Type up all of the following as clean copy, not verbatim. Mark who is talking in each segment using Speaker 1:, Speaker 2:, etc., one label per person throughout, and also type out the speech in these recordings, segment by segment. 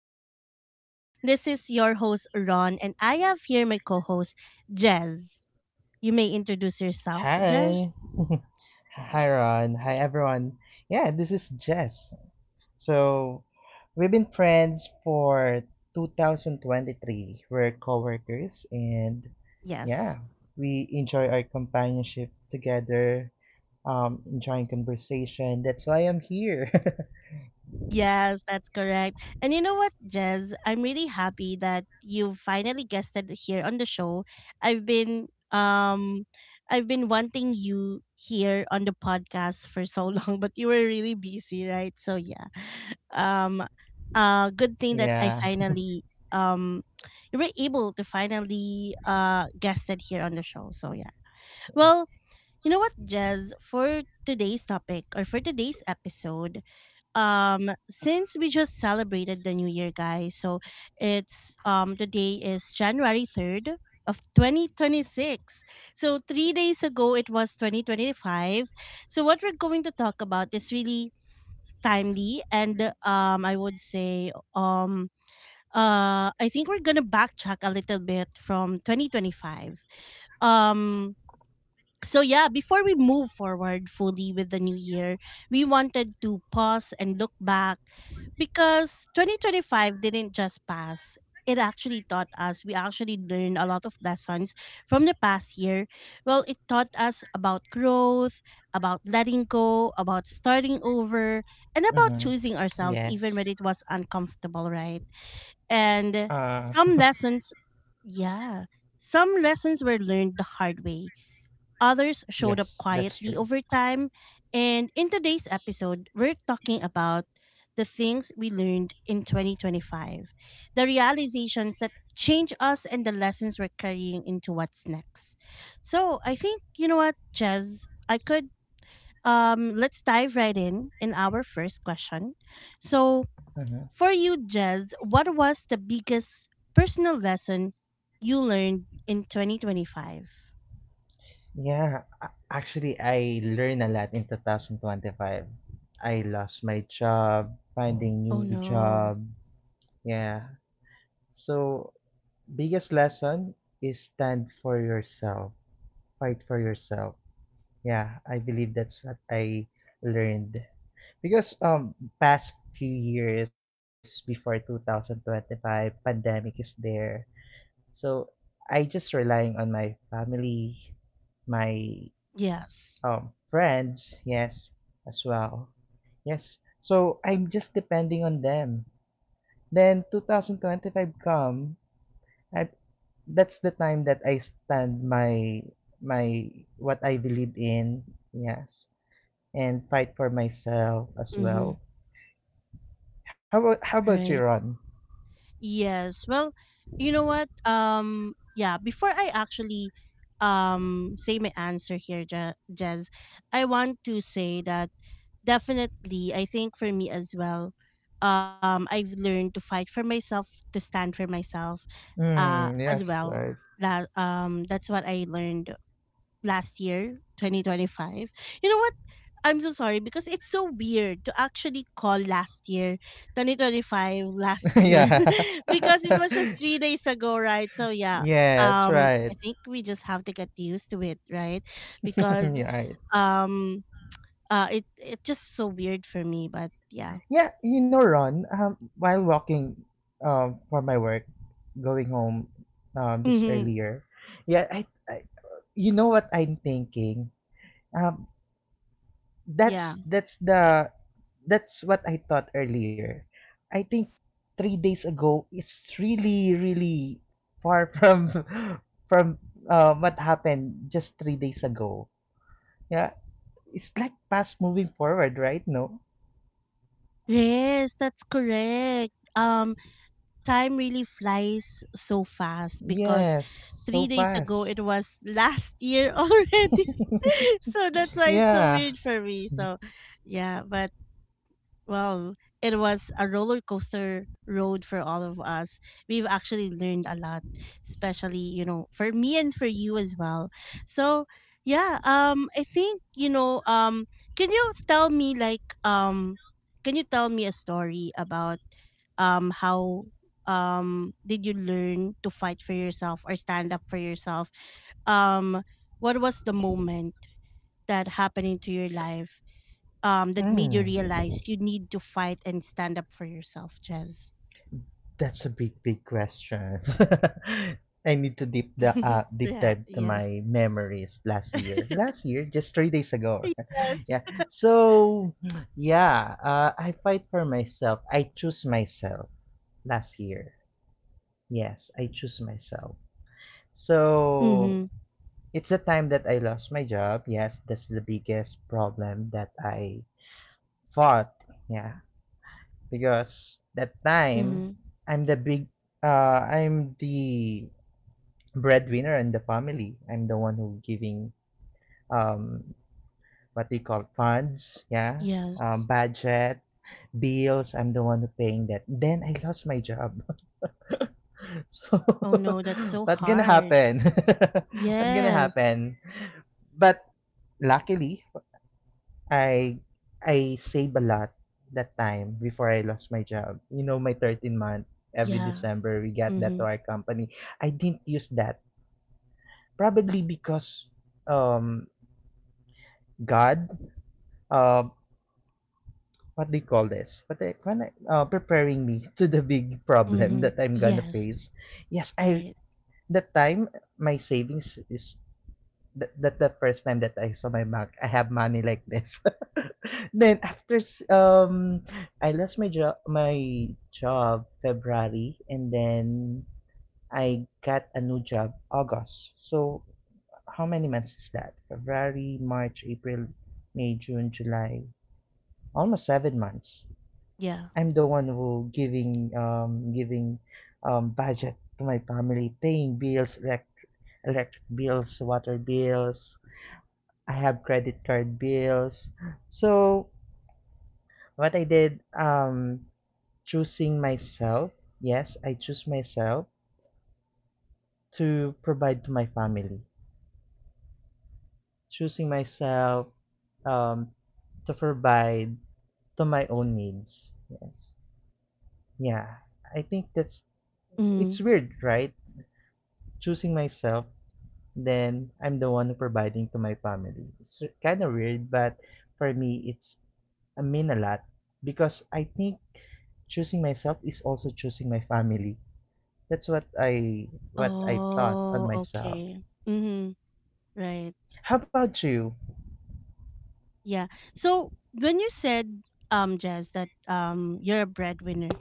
Speaker 1: Growth Podcast. This is your host, Ron, and I have here my co host, Jez. You may introduce yourself, Jez.
Speaker 2: Hi. Hi,
Speaker 1: Yes.
Speaker 2: Ron. Hi, everyone. Yeah, this is Jess. So, we've been friends for 2023. We're coworkers and
Speaker 1: Yes.
Speaker 2: yeah, we enjoy our companionship together, enjoying conversation. That's why I'm here.
Speaker 1: Yes, that's correct. And you know what, Jez? I'm really happy that you finally guested here on the show. I've been um I've been wanting you here on the podcast for so long, but you were really busy, right? So yeah. Um good thing that I
Speaker 2: Yeah.
Speaker 1: finally um you were able to finally guested here on the show. So yeah. Well, you know what, Jez, for today's topic or for today's episode, since we just celebrated the new year, guys, so it's the day is January 3rd of 2026. So 3 days ago it was 2025. So what we're going to talk about is really timely, and I would say, I think we're gonna backtrack a little bit from 2025. Um so yeah, before we move forward fully with the new year, we wanted to pause and look back because 2025 didn't just pass. It actually taught us, we actually learned a lot of lessons from the past year. Well, it taught us about growth, about letting go, about starting over,
Speaker 2: Mm-hmm.
Speaker 1: and about choosing
Speaker 2: Yes.
Speaker 1: ourselves even when it was uncomfortable, right?
Speaker 2: Uh,
Speaker 1: And some lessons, yeah, some lessons were learned the hard way, others showed
Speaker 2: yes,
Speaker 1: up
Speaker 2: that's true.
Speaker 1: quietly over time. And in today's episode, we're talking about the things we learned in 2025, the realizations that change us, and the lessons we're carrying into what's next. So I think, you know what, Jez, I could. Let's dive right in our first question. So,
Speaker 2: Mm-hmm.
Speaker 1: for you, Jez, what was the biggest personal lesson you learned in 2025?
Speaker 2: Yeah, actually, I learned a lot in 2025. I lost my job, finding new
Speaker 1: Oh
Speaker 2: job.
Speaker 1: no.
Speaker 2: Yeah. So, biggest lesson is stand for yourself, fight for yourself. Yeah, I believe that's what I learned. Because past few years before 2025, pandemic is there. So, I just relying on my family, my
Speaker 1: Yes.
Speaker 2: Friends, yes, as well. Yes, so I'm just depending on them. Then 2025 come, I that's the time that I stand my what I believe in, yes, and fight for myself as
Speaker 1: Mm-hmm.
Speaker 2: well. How about you,
Speaker 1: Right.
Speaker 2: Ron?
Speaker 1: Yes. Well, you know what? Yeah. Before I actually say my answer here, Jez, I want to say that definitely, I think for me as well, I've learned to fight for myself, to stand for myself,
Speaker 2: Hmm. Yes.
Speaker 1: as
Speaker 2: Right.
Speaker 1: well. That's what I learned last year, 2025. You know what? I'm so sorry because it's so weird to actually call last year, 2025, last year,
Speaker 2: Yeah.
Speaker 1: because it was just 3 days ago, right? So, yeah,
Speaker 2: Yes. Right.
Speaker 1: I think we just have to get used to it, right? Because
Speaker 2: Yeah. Right.
Speaker 1: um, it's just so weird for me, but yeah.
Speaker 2: Yeah, you know, Ron, while walking for my work, going home this
Speaker 1: Mm-hmm.
Speaker 2: earlier, yeah, I, you know what I'm thinking. Um,
Speaker 1: Yeah.
Speaker 2: that's that's the that's what I thought earlier. I think 3 days ago, it's really really far from from what happened just 3 days ago. Yeah, it's like fast moving forward, right? No.
Speaker 1: Yes, that's correct. Time really flies so fast because
Speaker 2: Yes, so
Speaker 1: 3 days ago
Speaker 2: fast.
Speaker 1: it was last year already. So that's why it's so
Speaker 2: Yeah.
Speaker 1: weird for me. So yeah, but well, it was a roller coaster road for all of us. We've actually learned a lot, especially, you know, for me and for you as well. So, yeah, I think, can you tell me like um can you tell me a story about how did you learn to fight for yourself or stand up for yourself? Um what was the moment that happening to your life that made you
Speaker 2: Mm,
Speaker 1: realize you need to fight and stand up for yourself, Jez?
Speaker 2: that's a big, big question. I need to deep
Speaker 1: Yeah,
Speaker 2: dive to
Speaker 1: yes.
Speaker 2: my memories last year. Last year, just 3 days ago.
Speaker 1: Yes.
Speaker 2: Yeah. So, yeah, I fight for myself. I choose myself last year. Yes, I choose myself. So
Speaker 1: Mhm.
Speaker 2: it's the time that I lost my job. Yes, that's the biggest problem that I fought. Yeah, because that time
Speaker 1: Mhm.
Speaker 2: I'm the big I'm the breadwinner in the family. I'm the one who giving um what do you call funds, yeah,
Speaker 1: Yes.
Speaker 2: budget, bills. I'm the one who paying that. Then I lost my job. So
Speaker 1: Oh no, that's so
Speaker 2: what gonna
Speaker 1: hard.
Speaker 2: happen? What gonna
Speaker 1: Yes.
Speaker 2: happen? But luckily I I save a lot that time before I lost my job. You know, my 13-month every
Speaker 1: Yeah.
Speaker 2: December we got that to
Speaker 1: Mhm.
Speaker 2: our company. I didn't use that probably because um God uh what do you call this? What they when preparing me to the big problem
Speaker 1: Mhm.
Speaker 2: that I'm gonna
Speaker 1: Yes.
Speaker 2: face. Yes, I
Speaker 1: Right.
Speaker 2: that time my savings is that the first time that I saw my bank, I have money like this. Then after I lost my job February, and then I got a new job August. So how many months is that? February, March, April, May, June, July. Almost 7 months.
Speaker 1: Yeah.
Speaker 2: I'm the one who giving budget to my family, paying bills like electric bills, water bills, I have credit card bills. So what I did, choosing myself. Yes, I choose myself to provide to my family. Choosing myself, um, to provide to my own needs. Yes. Yeah. I think that's
Speaker 1: Mhm.
Speaker 2: it's weird, right? Choosing myself, then I'm the one who providing to my family. It's kind of weird, but for me, it's I mean a lot because I think choosing myself is also choosing my family. That's what I thought on
Speaker 1: Oh,
Speaker 2: myself.
Speaker 1: okay. Mhm. Right.
Speaker 2: How about you?
Speaker 1: Yeah. So when you said Jazz that you're a breadwinner.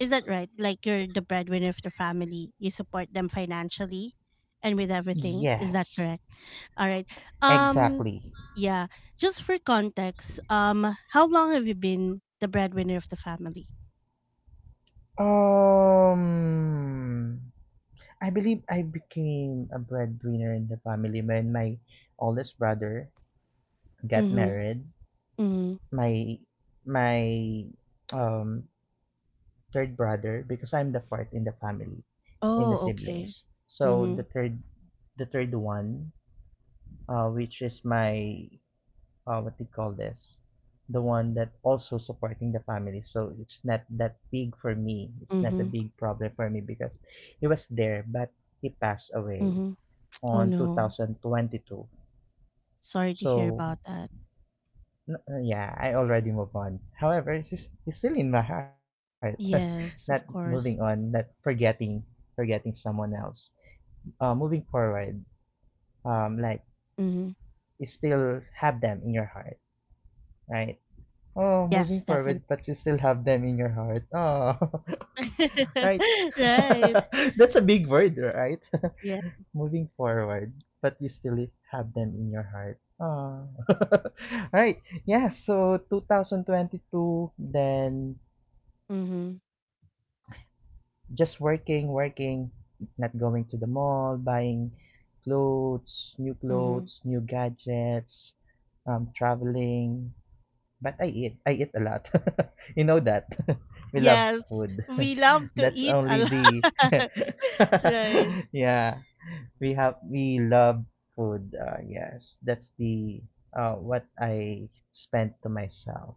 Speaker 1: Is that right? Like, you're the breadwinner of the family. You support them financially and with everything. Is that
Speaker 2: Yes,
Speaker 1: correct? All right. Um
Speaker 2: exactly.
Speaker 1: yeah, just for context, how long have you been the breadwinner of the family?
Speaker 2: Um, I believe I became a breadwinner in the family when my oldest brother got
Speaker 1: Mhm.
Speaker 2: married.
Speaker 1: Mhm.
Speaker 2: My my um third brother because I'm the fourth in the family, in the
Speaker 1: Oh, okay.
Speaker 2: siblings. So
Speaker 1: Mhm.
Speaker 2: the third one, which is my, what do you call this? The one that also supporting the family. So it's not that big for me. It's not a
Speaker 1: Mhm.
Speaker 2: big problem for me because he was there, but he passed away
Speaker 1: Mhm. Oh
Speaker 2: on
Speaker 1: no.
Speaker 2: 2022.
Speaker 1: Sorry to hear
Speaker 2: So
Speaker 1: about that.
Speaker 2: yeah, I already moved on. However, it's still in my heart. Not
Speaker 1: Yes,
Speaker 2: moving
Speaker 1: of
Speaker 2: on, not
Speaker 1: course.
Speaker 2: forgetting someone else. Moving forward, like
Speaker 1: Mhm.
Speaker 2: you still have them in your heart, right? Oh, moving
Speaker 1: Yes, definitely.
Speaker 2: forward, but you still have them in your heart. Oh, right.
Speaker 1: Right.
Speaker 2: That's a big word, right?
Speaker 1: Yeah.
Speaker 2: Moving forward, but you still have them in your heart. Oh, right. Yeah. So 2022, then
Speaker 1: Mhm.
Speaker 2: just working, working, not going to the mall, buying clothes, new
Speaker 1: Mhm.
Speaker 2: gadgets, traveling. But I eat. I eat a lot. You know that. We love food.
Speaker 1: Yes, we love
Speaker 2: That's
Speaker 1: to eat
Speaker 2: only
Speaker 1: a
Speaker 2: the.
Speaker 1: lot. Right.
Speaker 2: Yeah, we have. We love food. Yes, that's the what I spent to myself.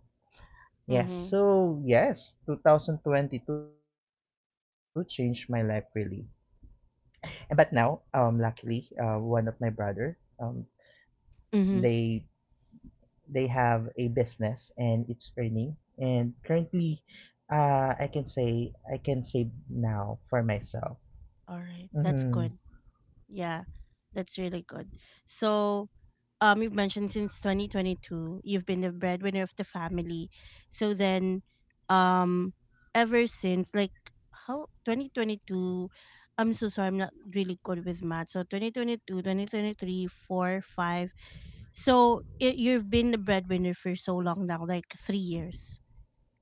Speaker 2: Yes,
Speaker 1: Mm-hmm.
Speaker 2: so yes, 2022 changed my life really. And but now, luckily, one of my brother, they
Speaker 1: Mm-hmm.
Speaker 2: They have a business and it's earning. And currently, I can say now for myself.
Speaker 1: All right. That's
Speaker 2: Mm-hmm.
Speaker 1: good. Yeah, that's really good. So, you've mentioned since 2022, you've been the breadwinner of the family. So then, um, ever since, like, how 2022, I'm so sorry, I'm not really good with math. So 2022, 2023, 4, 5. So it, you've been the breadwinner for so long now, like 3 years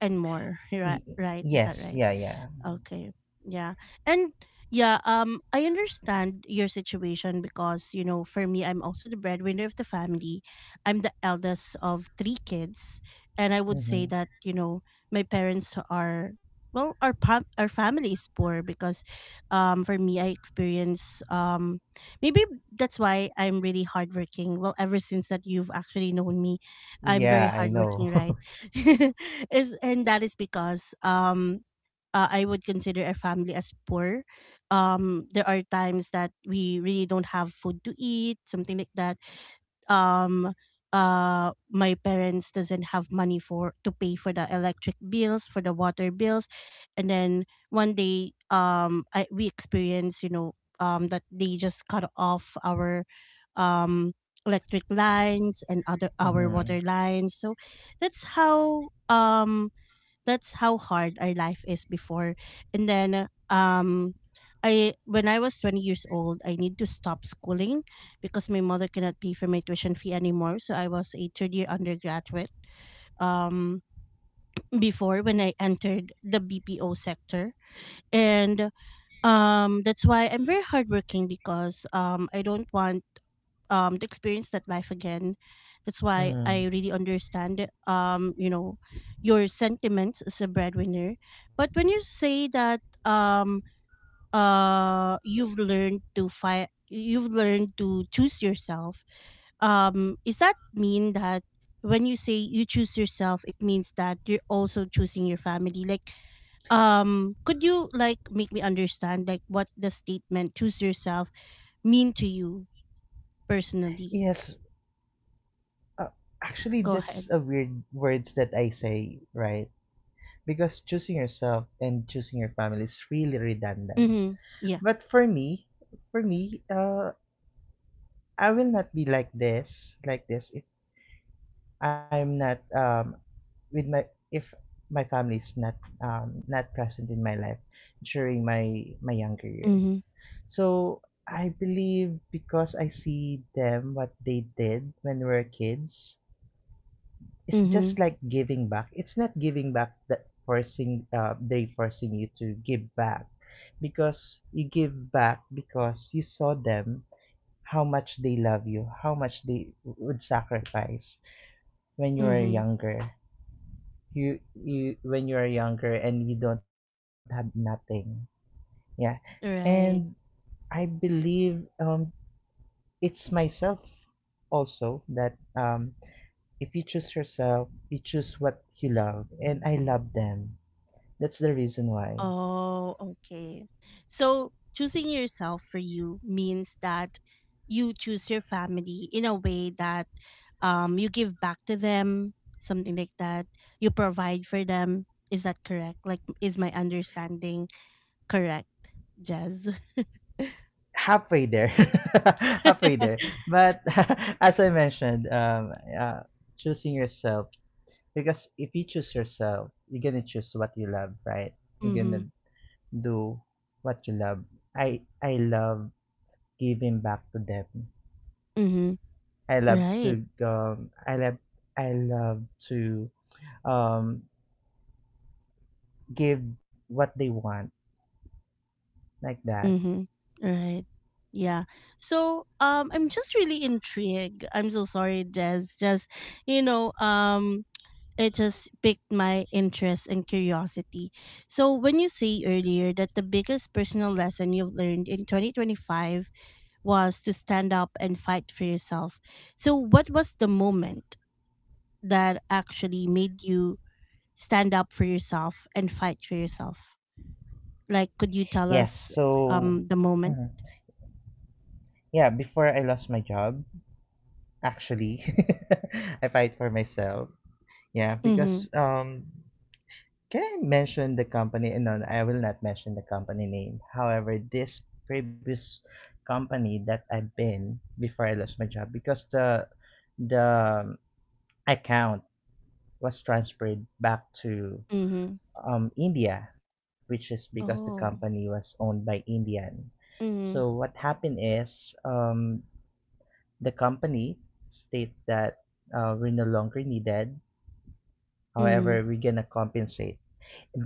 Speaker 1: and more. Right, right. Is that
Speaker 2: Yes,
Speaker 1: right?
Speaker 2: yeah, yeah.
Speaker 1: Okay. Yeah. And yeah, I understand your situation because, you know, for me I'm also the breadwinner of the family. I'm the eldest of three kids, and I would say
Speaker 2: Mm-hmm.
Speaker 1: that, you know, my parents are well, our family is poor because for me I experience maybe that's why I'm really hardworking. Well, ever since that you've actually known me, I'm very
Speaker 2: Yeah, I know.
Speaker 1: hardworking, right? is and That is because I would consider our family as poor. There are times that we really don't have food to eat, something like that. Um, my parents doesn't have money for to pay for the electric bills, for the water bills, and then one day, we experience, that they just cut off our, um, electric lines and other our
Speaker 2: Mm-hmm.
Speaker 1: water lines. So that's how um that's how hard our life is before. And then I when I was 20 years old, I need to stop schooling because my mother cannot pay for my tuition fee anymore. So I was a third year undergraduate um before when I entered the BPO sector. And that's why I'm very hardworking, because I don't want to experience that life again. That's why
Speaker 2: Mm-hmm.
Speaker 1: I really understand, um you know your sentiments as a breadwinner. But when you say that, you've learned to fight, you've learned to choose yourself, is that mean that when you say you choose yourself, it means that you're also choosing your family? Like, could you like make me understand like what the statement choose yourself mean to you personally?
Speaker 2: Yes, uh, actually,
Speaker 1: Go
Speaker 2: that's
Speaker 1: ahead.
Speaker 2: a weird words that I say, right? Because choosing yourself and choosing your family is really redundant.
Speaker 1: Mhm. Yeah.
Speaker 2: But for me, for me, uh, I will not be like this, if I'm not with my if my family is not present in my life during my younger year.
Speaker 1: Mhm.
Speaker 2: So I believe because I see them what they did when we were kids, it's
Speaker 1: Mhm.
Speaker 2: just like giving back. It's not giving back that forcing they forcing you to give back because you give back because you saw them how much they love you, how much they would sacrifice when you were
Speaker 1: Mhm.
Speaker 2: younger. You when you are younger and you don't have nothing, yeah, and
Speaker 1: Right.
Speaker 2: I believe it's myself also that if you choose yourself you choose what you love, and I love them. That's the reason why.
Speaker 1: Oh, okay. So choosing yourself for you means that you choose your family in a way that you give back to them, something like that. You provide for them. Is that correct? Like, is my understanding correct, Jazz?
Speaker 2: Halfway there. Halfway there, but as I mentioned uh, choosing yourself because if you choose yourself you're gonna choose what you love, right? You're
Speaker 1: Mhm.
Speaker 2: gonna do what you love. I love giving back to them.
Speaker 1: Mhm.
Speaker 2: I love
Speaker 1: Right.
Speaker 2: to um, I love I love to um give what they want like that.
Speaker 1: Mm-hmm. Right. Yeah. So I'm just really intrigued. I'm so sorry, Jez. You know, um it just piqued my interest and curiosity. So when you say earlier that the biggest personal lesson you've learned in 2025 was to stand up and fight for yourself. So what was the moment that actually made you stand up for yourself and fight for yourself? Like, could you
Speaker 2: Yes.
Speaker 1: tell us
Speaker 2: So
Speaker 1: the
Speaker 2: mhm.
Speaker 1: moment?
Speaker 2: Yeah, before I lost my job, actually, I fight for myself. Yeah,
Speaker 1: Mm-hmm.
Speaker 2: because can I mention the company? No, no, I will not mention the company name. However, this previous company that I've been before I lost my job because the account was transferred back to
Speaker 1: Mhm.
Speaker 2: India, which is because the company
Speaker 1: Oh.
Speaker 2: was owned by Indian. So
Speaker 1: Mhm.
Speaker 2: what happened is the company state that we're no longer needed.
Speaker 1: Mhm.
Speaker 2: However, we're gonna compensate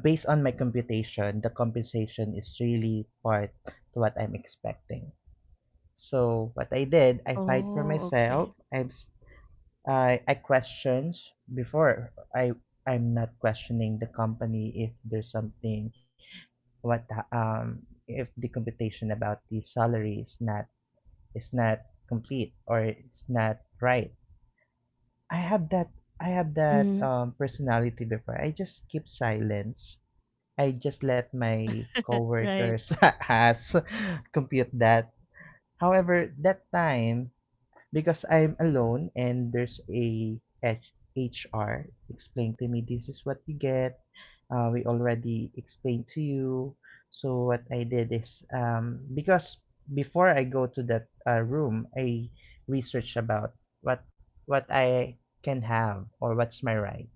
Speaker 2: based on my computation, the compensation is really part to what I'm expecting. So what I did, I fight for
Speaker 1: Oh,
Speaker 2: myself.
Speaker 1: okay.
Speaker 2: I have I questions before I'm not questioning the company if there's something, what if the computation about the salary is not complete or it's not right. I have that
Speaker 1: Mhm.
Speaker 2: personality before. I just keep silence. I just let my
Speaker 1: Right.
Speaker 2: coworkers has compute that. However, that time because I'm alone and there's a HR explained to me this is what you get. We already explained to you. So what I did is because before I go to that room, I research about what what I can have or what's my right.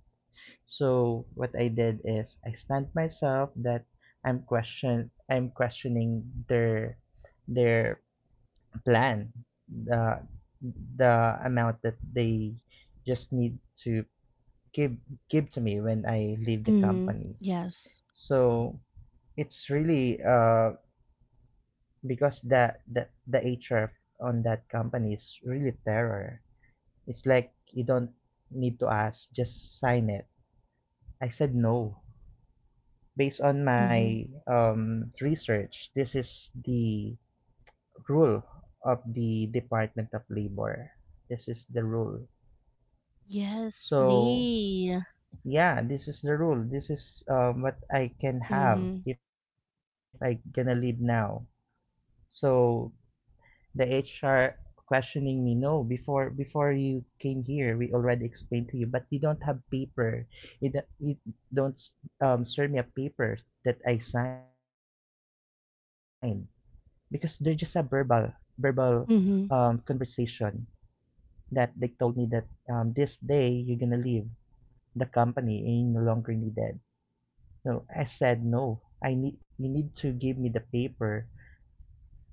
Speaker 2: So what I did is I stand myself that I'm questioning their plan, the the amount that they just need to give give to me when I leave the
Speaker 1: Mhm.
Speaker 2: company.
Speaker 1: Yes.
Speaker 2: So it's really because the HR on that company is really terror. It's like you don't need to ask, just sign it. I said no. Based on my
Speaker 1: Mhm.
Speaker 2: research, this is the rule of the Department of Labor. This is the rule.
Speaker 1: Yes,
Speaker 2: So
Speaker 1: Lee. Sleigh.
Speaker 2: yeah, this is the rule. This is what I can have
Speaker 1: Mhm.
Speaker 2: if I gonna leave now. So the HR questioning me, no, before you came here, we already explained to you, but you don't have paper. It, it don't serve me a paper that I signed. Because they're just a verbal
Speaker 1: Mhm.
Speaker 2: conversation that they told me that this day you're gonna leave the company and you're no longer needed. So I said no. I need You need to give me the paper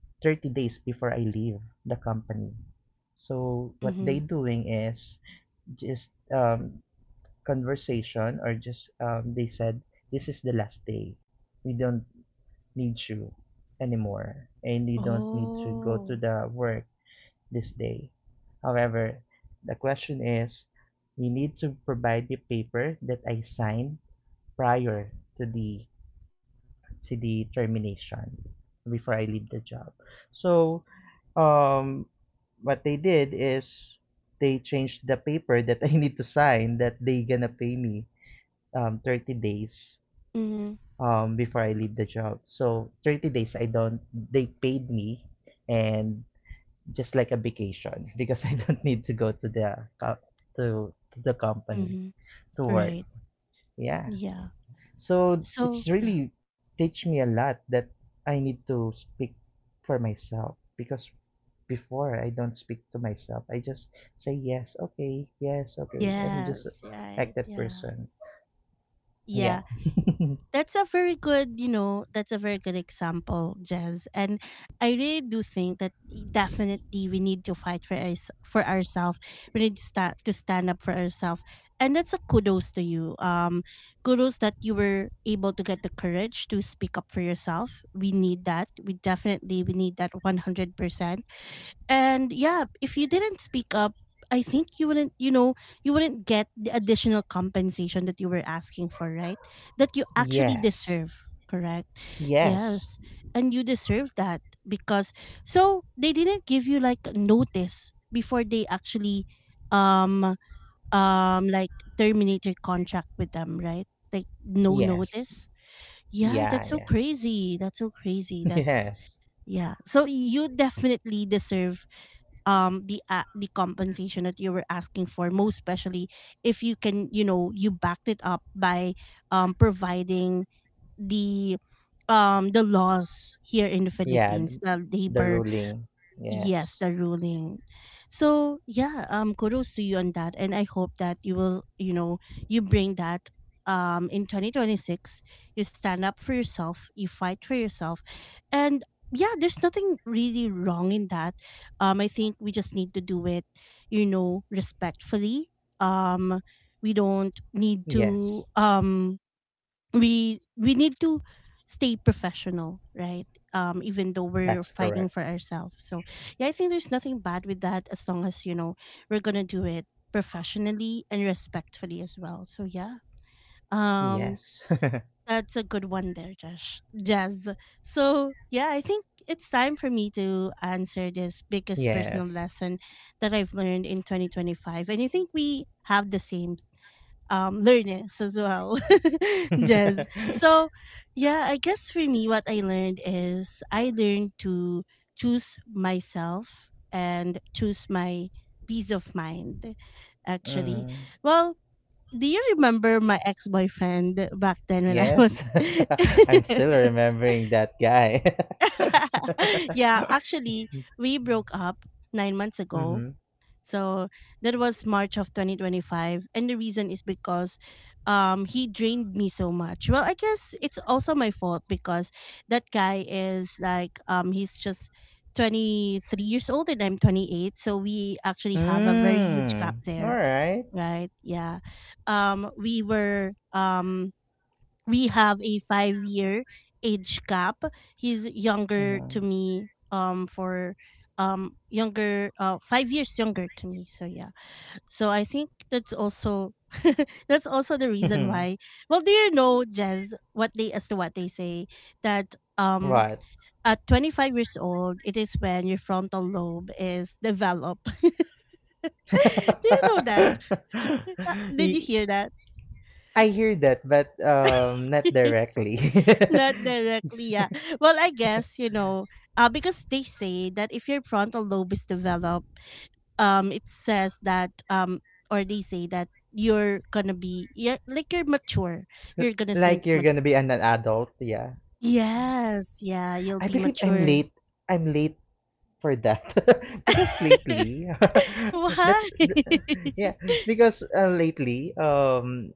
Speaker 2: 30 days before I leave the company. So what they
Speaker 1: Mhm.
Speaker 2: doing is just conversation or just they said this is the last day. We don't need you anymore and you don't need to go to
Speaker 1: Oh.
Speaker 2: the work this day. However, the question is you need to provide the paper that I signed prior to the termination before I leave the job. So um what they did is they changed the paper that I need to sign that they gonna pay me 30 days
Speaker 1: Mhm.
Speaker 2: before I leave the job. So 30 days I don't they paid me and just like a vacation because I don't need to go to the company
Speaker 1: Mhm.
Speaker 2: to work.
Speaker 1: Right.
Speaker 2: Yeah.
Speaker 1: Yeah.
Speaker 2: So
Speaker 1: So,
Speaker 2: it's
Speaker 1: yeah.
Speaker 2: really teach me a lot that I need to speak for myself because before I don't speak to myself. I just say yes, okay, yes, okay. I'm just
Speaker 1: Yes,
Speaker 2: like
Speaker 1: right.
Speaker 2: that
Speaker 1: Yeah.
Speaker 2: person. Yeah.
Speaker 1: Yeah. That's a very good, you know, that's a very good example, Jez. And I really do think that definitely we need to fight for us for ourselves. We need to start to stand up for ourselves. And that's a kudos to you. Kudos that you were able to get the courage to speak up for yourself. We need that. We definitely we need that 100%. And yeah, if you didn't speak up, I think you wouldn't get the additional compensation that you were asking for, right? That you actually
Speaker 2: Yes.
Speaker 1: deserve, correct?
Speaker 2: Yes.
Speaker 1: Yes. And you deserve that, because so they didn't give you like notice before they actually um like terminate your contract with them, right? Like, no
Speaker 2: Yes.
Speaker 1: notice. Yeah,
Speaker 2: Yeah,
Speaker 1: that's so
Speaker 2: yeah.
Speaker 1: crazy. That's so crazy. That's
Speaker 2: Yes.
Speaker 1: yeah. So you definitely deserve the compensation that you were asking for, most especially if you can you know you backed it up by providing the laws here in the
Speaker 2: Yeah,
Speaker 1: Philippines,
Speaker 2: th-
Speaker 1: the
Speaker 2: the
Speaker 1: labor.
Speaker 2: ruling.
Speaker 1: Yes,
Speaker 2: Yes.
Speaker 1: the ruling. So yeah, kudos to you on that, and I hope that you will, you know, you bring that, in 2026. You stand up for yourself, you fight for yourself, and yeah, there's nothing really wrong in that. I think we just need to do it, respectfully. Um, we don't need
Speaker 2: Yes.
Speaker 1: to we need to stay professional, right? Even though we're
Speaker 2: That's
Speaker 1: fighting
Speaker 2: correct.
Speaker 1: for ourselves, so yeah, I think there's nothing bad with that, as long as we're gonna do it professionally and respectfully as well. So yeah, um
Speaker 2: Yes.
Speaker 1: that's a good one there, Josh, Jazz. So yeah, I think it's time for me to answer this biggest
Speaker 2: Yes.
Speaker 1: personal lesson that I've learned in 2025, and I think we have the same, learnings as well, Jez. So, yeah, I guess for me, what I learned is I learned to choose myself and choose my peace of mind, actually.
Speaker 2: Mm.
Speaker 1: Well, do you remember my ex boyfriend back then when I was.
Speaker 2: Yes. I'm still remembering that guy.
Speaker 1: Yeah, actually, we broke up 9 months ago.
Speaker 2: Mm-hmm.
Speaker 1: So that was March of 2025. And the reason is because he drained me so much. Well, I guess it's also my fault because that guy is like, he's just 23 years old and I'm 28. So we actually have a very huge gap
Speaker 2: Mm. All
Speaker 1: there,
Speaker 2: right.
Speaker 1: right? Yeah. We were. We have a 5 year age gap. He's younger to me for younger 5 years younger to me. So yeah. So I think that's also that's also the reason
Speaker 2: Mm-hmm.
Speaker 1: why. Well, do you know, Jez, what they say that
Speaker 2: What?
Speaker 1: at 25 years old it is when your frontal lobe is developed. Do you know that? Did you
Speaker 2: Y-
Speaker 1: hear that?
Speaker 2: I hear that, but not directly.
Speaker 1: Not directly, yeah. Well, I guess, you know, because they say that if your frontal lobe is developed, it says that, or they say that you're gonna be, yeah, like you're mature.
Speaker 2: L-
Speaker 1: You're gonna
Speaker 2: like you're gonna be an adult, yeah.
Speaker 1: yes, yeah,
Speaker 2: I
Speaker 1: you'll be
Speaker 2: believe I'm late.
Speaker 1: mature.
Speaker 2: I'm late for that because lately, that's
Speaker 1: Why?
Speaker 2: th- yeah. Because lately,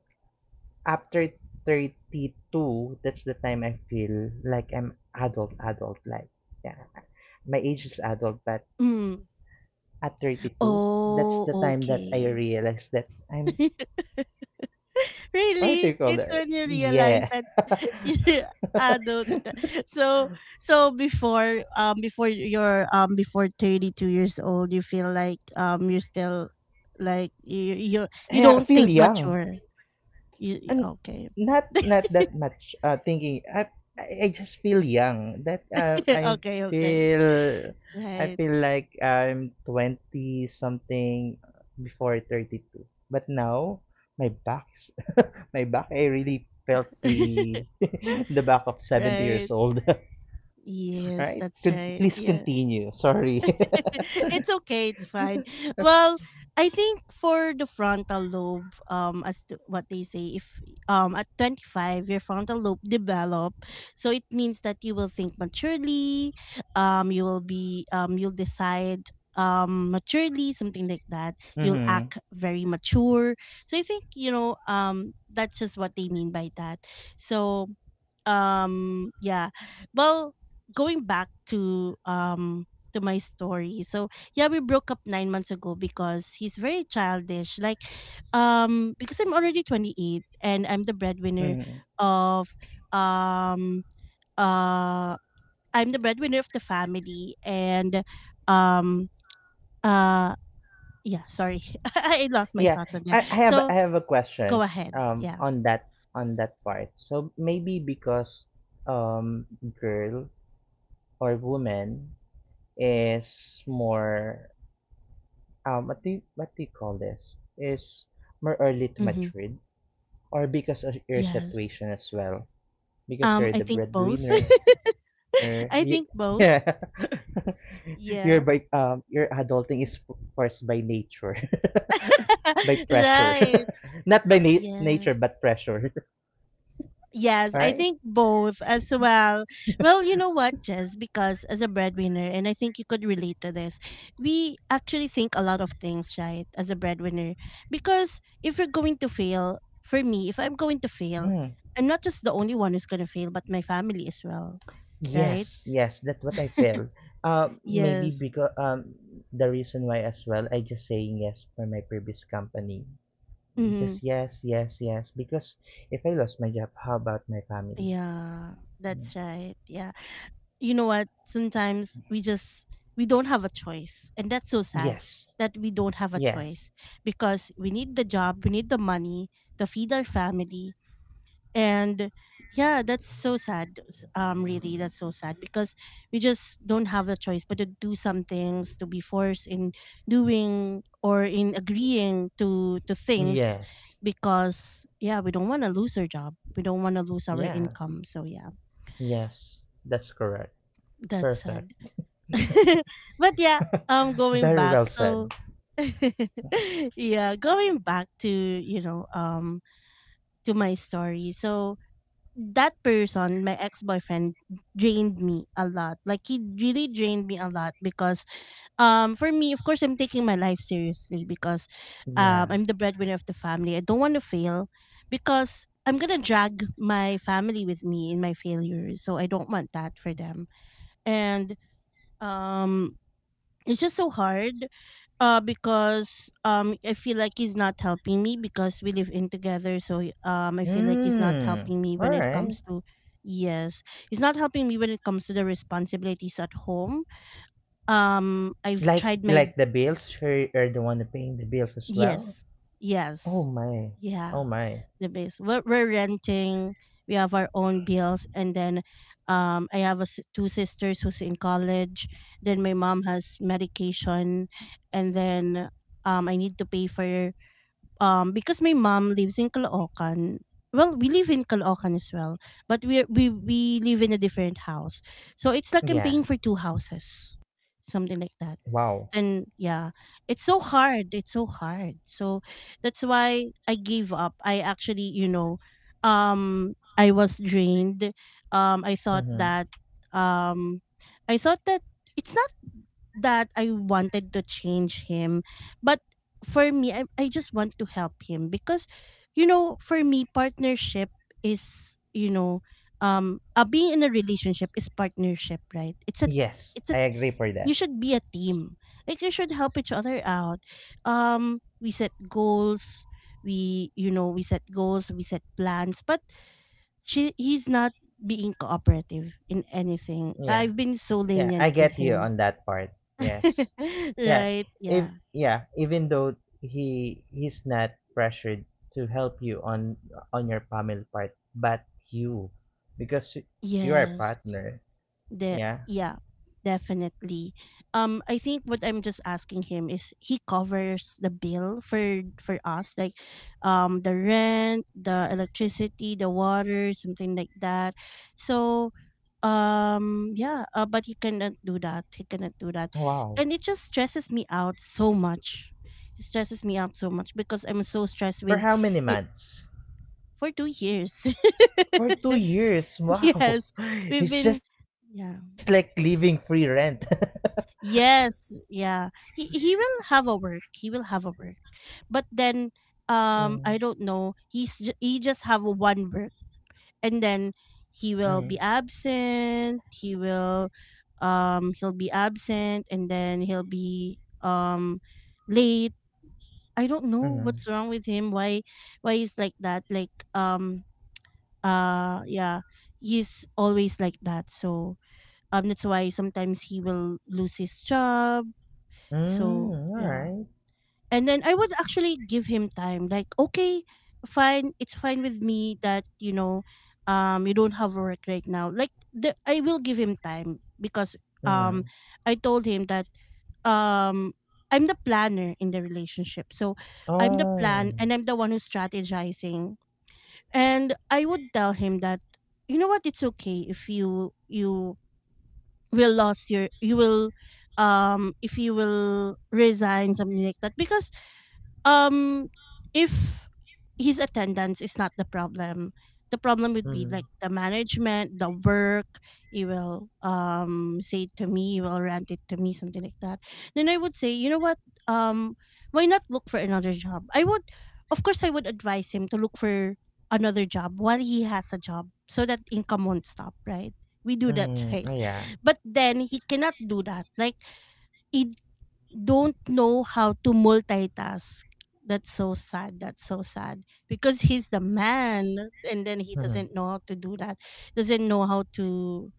Speaker 2: after 32, that's the time I feel like I'm adult, adult. Like yeah, my age is adult, but
Speaker 1: Mm.
Speaker 2: at 32, that's
Speaker 1: Oh,
Speaker 2: the time that I
Speaker 1: okay.
Speaker 2: realized that I'm what do you
Speaker 1: Really,
Speaker 2: call
Speaker 1: it's
Speaker 2: it?
Speaker 1: when you realize
Speaker 2: Yeah,
Speaker 1: that you're adult. So so before before you're before 32 years old, you feel like you're still like you
Speaker 2: yeah, I
Speaker 1: don't
Speaker 2: feel
Speaker 1: think
Speaker 2: young.
Speaker 1: mature.
Speaker 2: And
Speaker 1: Okay?
Speaker 2: not that much thinking. I just feel young. That
Speaker 1: Okay, okay,
Speaker 2: feel I
Speaker 1: right.
Speaker 2: feel like I'm twenty something before 32. But now my back's my back I really felt the the back of 70 years
Speaker 1: Right.
Speaker 2: old. All
Speaker 1: Yes,
Speaker 2: right,
Speaker 1: that's right.
Speaker 2: Please
Speaker 1: Yeah.
Speaker 2: continue. Sorry.
Speaker 1: It's okay, it's fine. Well, I think for the frontal lobe, as to what they say, if at 25 your frontal lobe develop, so it means that you will think maturely, you will be you'll decide maturely, something like that. You'll
Speaker 2: Mm-hmm.
Speaker 1: act very mature. So I think, you know, that's just what they mean by that. So yeah. Well, going back to my story. So yeah, we broke up 9 months ago because he's very childish. Like because I'm already 28 and I'm the breadwinner
Speaker 2: Mm-hmm.
Speaker 1: of um uh I'm the breadwinner of the family. And um uh yeah, sorry, I lost my
Speaker 2: Yeah,
Speaker 1: thoughts on there.
Speaker 2: I have
Speaker 1: So
Speaker 2: I have a
Speaker 1: go
Speaker 2: questions
Speaker 1: ahead, yeah.
Speaker 2: on that part. So maybe because um girl or woman is more what do you call this? Is more early to
Speaker 1: Mm-hmm.
Speaker 2: mature or because of your
Speaker 1: Yes,
Speaker 2: situation as well because you're
Speaker 1: I
Speaker 2: the
Speaker 1: think both.
Speaker 2: breadwinner. You, yeah,
Speaker 1: I think both.
Speaker 2: you're by
Speaker 1: Yeah.
Speaker 2: your adulting is forced by nature, by pressure,
Speaker 1: Right.
Speaker 2: not by nature but
Speaker 1: Yes.
Speaker 2: pressure. All
Speaker 1: Yes,
Speaker 2: right.
Speaker 1: I think both as well. Well, you know what, Jess, because as a breadwinner, and I think you could relate to this, we actually think a lot of things, right, as a breadwinner. Because if you're going to fail, for me, if I'm going to fail,
Speaker 2: Hmm.
Speaker 1: I'm not just the only one who's going to fail, but my family as well, right?
Speaker 2: Yes, yes, that's what I feel. Maybe
Speaker 1: Yes.
Speaker 2: because the reason why as well I just saying yes for my previous company.
Speaker 1: Mhm.
Speaker 2: Just yes, yes, yes. Because if I lost my job, how about my family?
Speaker 1: Yeah, that's right. Yeah. You know what? Sometimes we just we don't have a choice. And that's so sad
Speaker 2: Yes,
Speaker 1: that we don't have a
Speaker 2: yes,
Speaker 1: choice because we need the job, we need the money to feed our family, and yeah, that's so sad, really, that's so sad because we just don't have a choice but to do some things, to be forced in doing or in agreeing to things
Speaker 2: yes.
Speaker 1: because yeah, we don't want to lose our job, we don't want to lose our
Speaker 2: Yeah.
Speaker 1: income. So yeah,
Speaker 2: Yes, that's correct.
Speaker 1: that's
Speaker 2: Perfect.
Speaker 1: sad. But yeah, going
Speaker 2: Very
Speaker 1: back,
Speaker 2: well
Speaker 1: so
Speaker 2: said.
Speaker 1: yeah, going back to, you know, to my story. So that person, my ex boyfriend, drained me a lot. Like he really drained me a lot because for me, of course, I'm taking my life seriously because
Speaker 2: Yeah.
Speaker 1: I'm the breadwinner of the family. I don't want to fail because I'm gonna drag my family with me in my failures. So I don't want that for them. And um it's just so hard, because I feel like he's not helping me because we live in together. I feel like he's not
Speaker 2: Hmm.
Speaker 1: helping me
Speaker 2: All
Speaker 1: when it
Speaker 2: right.
Speaker 1: comes to yes, he's not helping me when it comes to the responsibilities at home. I've
Speaker 2: Like
Speaker 1: tried my
Speaker 2: like the bills, you're the one paying the bills as well.
Speaker 1: yes,
Speaker 2: Oh
Speaker 1: yes,
Speaker 2: my. Oh
Speaker 1: yeah,
Speaker 2: my.
Speaker 1: the base. We're renting. We have our own bills, and then I have a s two sisters who's in college. Then my mom has medication, and then I need to pay for because my mom lives in Caloocan. Well, we live in Caloocan as well, but we live in a different house. So it's like I'm
Speaker 2: Yeah.
Speaker 1: paying for two houses, something like that.
Speaker 2: Wow.
Speaker 1: And yeah, it's so hard. It's so hard. So that's why I gave up. I actually, you know, I was drained. Um, I thought
Speaker 2: Mm-hmm.
Speaker 1: that, um, I thought that it's not that I wanted to change him, but for me, I just want to help him because, you know, for me, partnership is, you know, being in a relationship is partnership, right?
Speaker 2: Yes,
Speaker 1: It's a,
Speaker 2: I agree for
Speaker 1: you
Speaker 2: that.
Speaker 1: should be a team. Like you should help each other out. We set goals. We, You know, we set goals. We set plans. But he's not being cooperative in anything.
Speaker 2: Yeah.
Speaker 1: I've been so
Speaker 2: Yeah,
Speaker 1: lenient
Speaker 2: I
Speaker 1: with
Speaker 2: get you
Speaker 1: him.
Speaker 2: on that part. Yes. Yeah,
Speaker 1: Right?
Speaker 2: if
Speaker 1: Yeah.
Speaker 2: yeah, even though he's not pressured to help you on your family part, but you, because you are a
Speaker 1: Yes.
Speaker 2: partner.
Speaker 1: The
Speaker 2: Yeah.
Speaker 1: yeah, definitely. I think what I'm just asking him is he covers the bill for us, like, the rent, the electricity, the water, something like that. So, yeah, but he cannot do that. He cannot do that,
Speaker 2: Wow.
Speaker 1: and it just stresses me out so much. It stresses me out so much because I'm so stressed
Speaker 2: For
Speaker 1: with
Speaker 2: how many
Speaker 1: it
Speaker 2: months?
Speaker 1: for 2 years.
Speaker 2: For 2 years. Wow.
Speaker 1: Yes, we've
Speaker 2: It's
Speaker 1: been.
Speaker 2: just like
Speaker 1: Yeah,
Speaker 2: living free rent.
Speaker 1: yes, yeah. He will have a work. He will have a work. But then
Speaker 2: Mm.
Speaker 1: I don't know. He just have a one work and then he
Speaker 2: Mm.
Speaker 1: will be absent. He will he'll be absent and then he'll be late. I don't know
Speaker 2: Mm.
Speaker 1: what's wrong with him. Why he's like that? Like yeah. He's always like that. So that's why sometimes he will lose his job. So
Speaker 2: Mm, all
Speaker 1: yeah.
Speaker 2: right.
Speaker 1: And then I would actually give him time. Like, okay, fine, it's fine with me that, you know, you don't have work right now. Like I will give him time because um
Speaker 2: Mm.
Speaker 1: I told him that um I'm the planner in the relationship. So I'm the
Speaker 2: Oh.
Speaker 1: plan and I'm the one who's strategizing. And I would tell him that, you know what, it's okay if you will lose your you will if you will resign, something like that, because um, if his attendance is not the problem, the problem would be like
Speaker 2: Mm,
Speaker 1: the management, the work. He will say it to me, he will rant it to me, something like that. Then I would say, you know what? Um, why not look for another job? I would, of course, I would advise him to look for another job while he has a job, so that income won't stop. Right? We do that,
Speaker 2: mm,
Speaker 1: right?
Speaker 2: yeah.
Speaker 1: But then he cannot do that. Like he don't know how to multitask. That's so sad. That's so sad because he's the man, and then he
Speaker 2: Mm,
Speaker 1: doesn't know how to do that. Doesn't know how to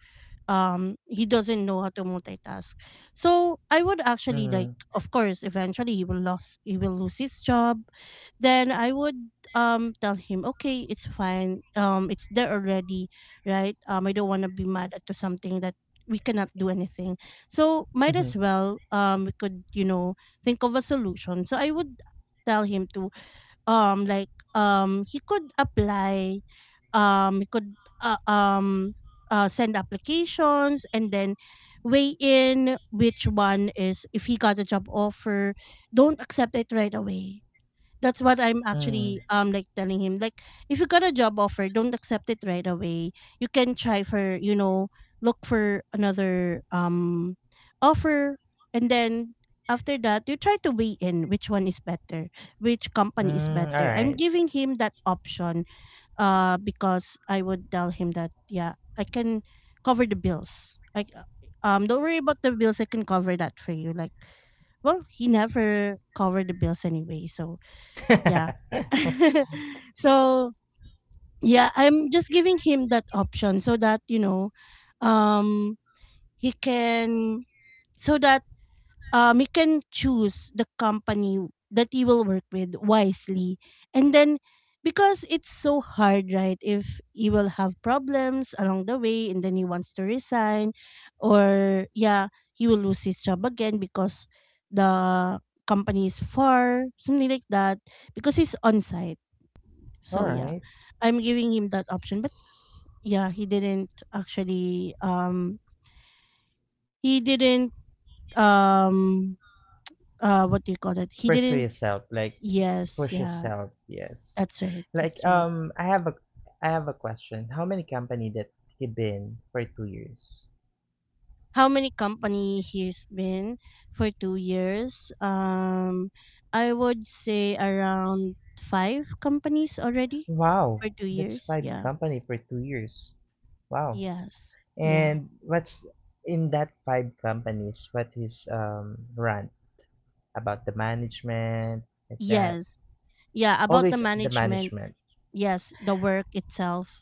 Speaker 1: he doesn't know how to multitask. So I would
Speaker 2: mm,
Speaker 1: actually, like, of course, eventually he will lose his job. Then I would tell him, okay, it's fine, it's there already, right? I don't want to be mad at to something that we cannot do anything. So might
Speaker 2: mm,
Speaker 1: as well, we could, you know, think of a solution. So I would tell him to he could apply, we could uh, um, send applications and then weigh in which one is, if he got a job offer, don't accept it right away. That's what I'm
Speaker 2: mm,
Speaker 1: actually, like, telling him, like, if you got a job offer, don't accept it right away. You can try for, you know, look for another offer, and then after that you try to weigh in which one is better, which company is
Speaker 2: mm, all
Speaker 1: better. I'm
Speaker 2: right.
Speaker 1: giving him that option. Because I would tell him that, yeah, I can cover the bills. Like don't worry about the bills, I can cover that for you. Like, well, he never covered the bills anyway, so yeah. So yeah, I'm just giving him that option so that, you know, um he can so that you can choose the company that you will work with wisely. And then, because it's so hard, right? If you will have problems along the way and then he wants to resign, or yeah, he will lose his job again because the company is far, something like that, because he's on site. So, yeah,
Speaker 2: Alright.
Speaker 1: I'm giving him that option. But yeah, he didn't actually, he didn't, um, what do you call it? He
Speaker 2: Pursue
Speaker 1: didn't
Speaker 2: yourself, like
Speaker 1: Yes,
Speaker 2: push
Speaker 1: yeah.
Speaker 2: yourself, yes.
Speaker 1: That's right.
Speaker 2: Like
Speaker 1: That's right.
Speaker 2: I have a question. How many company that he been for 2 years?
Speaker 1: How many company here's been for 2 years? I would say around 5 companies already for
Speaker 2: Wow.
Speaker 1: two
Speaker 2: That's
Speaker 1: years.
Speaker 2: five
Speaker 1: Yeah.
Speaker 2: company for 2 years. Wow.
Speaker 1: Yes. Yeah.
Speaker 2: And what's in that five companies, what is run about the management, like that.
Speaker 1: Yes. Yeah. About the
Speaker 2: Always the
Speaker 1: management.
Speaker 2: management.
Speaker 1: Yes. The work itself.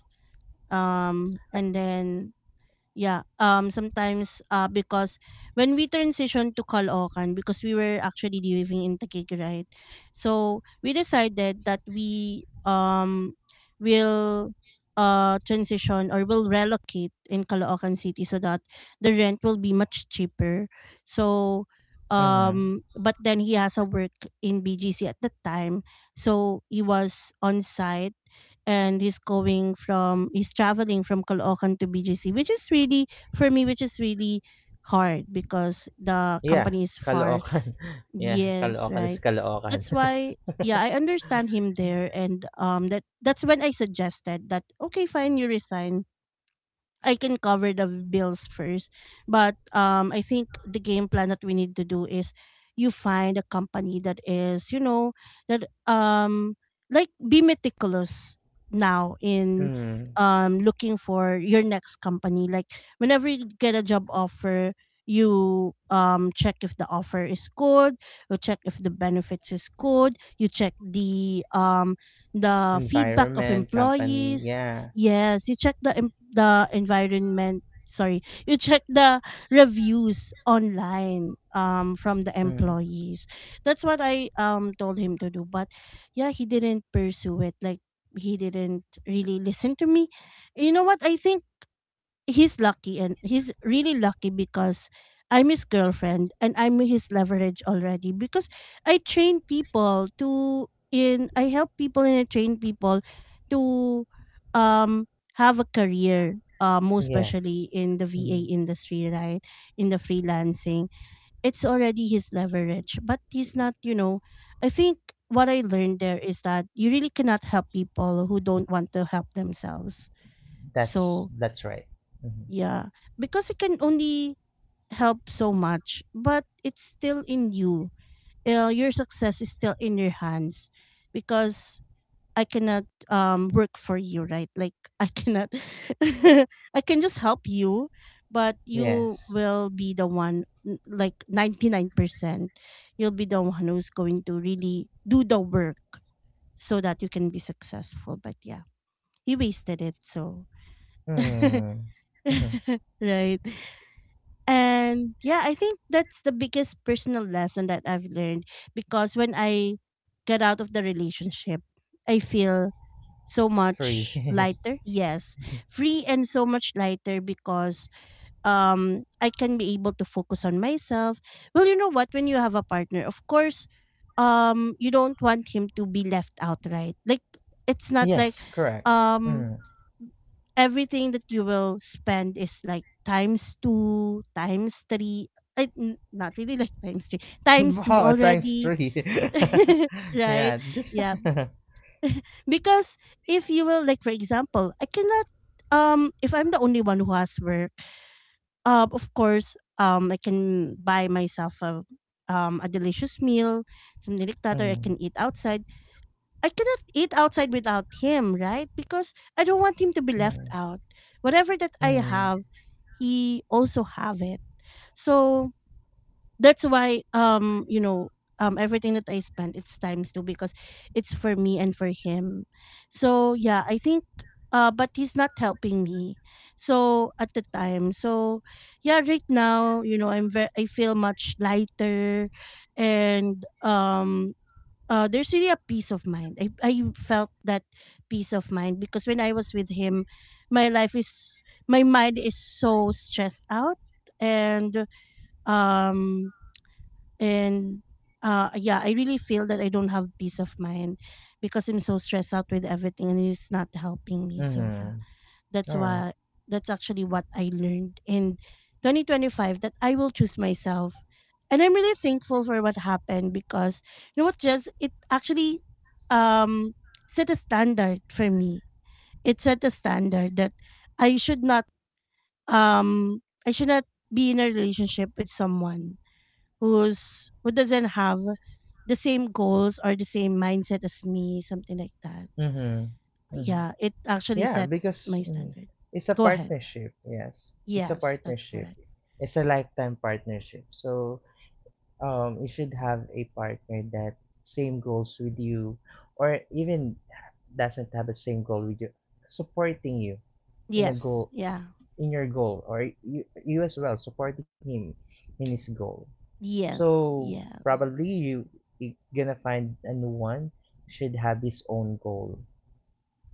Speaker 1: And then Yeah, sometimes because when we transitioned to Caloocan because we were actually living in Taguig, right? So we decided that we will transition or will relocate in Caloocan City so that the rent will be much cheaper. So
Speaker 2: Mm-hmm.
Speaker 1: but then he has a work in BGC at that time. So he was on site and he's traveling from Caloocan to BGC, which is really for me, which is really hard because the
Speaker 2: Yeah.
Speaker 1: company is far.
Speaker 2: Caloocan. yeah,
Speaker 1: Yes,
Speaker 2: Caloocan is
Speaker 1: right.
Speaker 2: Caloocan.
Speaker 1: That's why yeah, I understand him there, and that's when I suggested that okay, fine, you resign. I can cover the bills first. But I think the game plan that we need to do is you find a company that is, you know, that like be meticulous now in
Speaker 2: Mm.
Speaker 1: looking for your next company. Like whenever you get a job offer, you check if the offer is good, you check if the benefits is good, you check the feedback of
Speaker 2: Environment company,
Speaker 1: employees.
Speaker 2: yeah.
Speaker 1: Yes, you check the the environment. Sorry, you check the reviews online from the
Speaker 2: Mm,
Speaker 1: employees. That's what I told him to do, but yeah, he didn't pursue it. Like he didn't really listen to me. You know what? I think he's lucky, and he's really lucky because I'm his girlfriend and I'm his leverage already because I train people to in I help people and I train people to um have a career, most
Speaker 2: yes.
Speaker 1: especially in the VA
Speaker 2: Mm,
Speaker 1: industry, right? In the freelancing, it's already his leverage, but he's not, you know, I think what I learned there is that you really cannot help people who don't want to help themselves.
Speaker 2: that's
Speaker 1: So
Speaker 2: that's right. Mhm.
Speaker 1: yeah, because it can only help so much, but it's still in you. Your success is still in your hands because I cannot work for you, right? Like I cannot I can just help you, but you
Speaker 2: Yes.
Speaker 1: will be the one like 99%. You'll be the one who's going to really do the work so that you can be successful. But yeah, you wasted it, so
Speaker 2: Mm, mhm,
Speaker 1: right. And yeah, I think that's the biggest personal lesson that I've learned because when I get out of the relationship, I feel so
Speaker 2: three.
Speaker 1: much lighter. Yes, free and so much lighter because I can be able to focus on myself. Well, you know what, when you have a partner, of course, you don't want him to be left out, right? Like it's not like
Speaker 2: Yes, correct.
Speaker 1: um
Speaker 2: Mm.
Speaker 1: everything that you will spend is like times two, times three. Not really like times three, times two
Speaker 2: Wow, times
Speaker 1: already,
Speaker 2: three.
Speaker 1: right?
Speaker 2: yeah, just
Speaker 1: Yeah,
Speaker 2: mm,
Speaker 1: because if you will, like for example, I cannot. If I'm the only one who has work, of course, I can buy myself a delicious meal, something like that, or I
Speaker 2: mm,
Speaker 1: can eat outside. I cannot eat outside without him, right? Because I don't want him to be left out. Whatever that I
Speaker 2: mm,
Speaker 1: have, he also have it. So that's why you know everything that I spend, it's times two because it's for me and for him. So yeah, I think but he's not helping me. So at the time. So yeah, right now, you know, I feel much lighter, and there's really a peace of mind. I felt that peace of mind because when I was with him, my life is my mind is so stressed out, and um and yeah, I really feel that I don't have peace of mind because I'm so stressed out with everything and it's not helping me. So yeah.
Speaker 2: mhm.
Speaker 1: That's
Speaker 2: All right.
Speaker 1: why that's actually what I learned in 2025, that I will choose myself. And I'm really thankful for what happened because you know what, just it actually um set a standard for me. It set a standard that I should not um I should not be in a relationship with someone who doesn't have the same goals or the same mindset as me, something like that.
Speaker 2: Mm-hmm, mm-hmm.
Speaker 1: Yeah, it actually
Speaker 2: Yeah,
Speaker 1: set
Speaker 2: because
Speaker 1: my
Speaker 2: mm,
Speaker 1: standard.
Speaker 2: it's a
Speaker 1: Go ahead.
Speaker 2: partnership, yes, it's a
Speaker 1: Yes, that's
Speaker 2: partnership,
Speaker 1: correct.
Speaker 2: it's a lifetime partnership. So you should have a partner that same goals with you, or even doesn't have the same goal with you, supporting you in a
Speaker 1: Yes,
Speaker 2: goal
Speaker 1: yeah.
Speaker 2: in your goal, or you as well supporting him in his goal.
Speaker 1: Yes,
Speaker 2: So
Speaker 1: yeah.
Speaker 2: probably you gonna find a new one should have his own goal.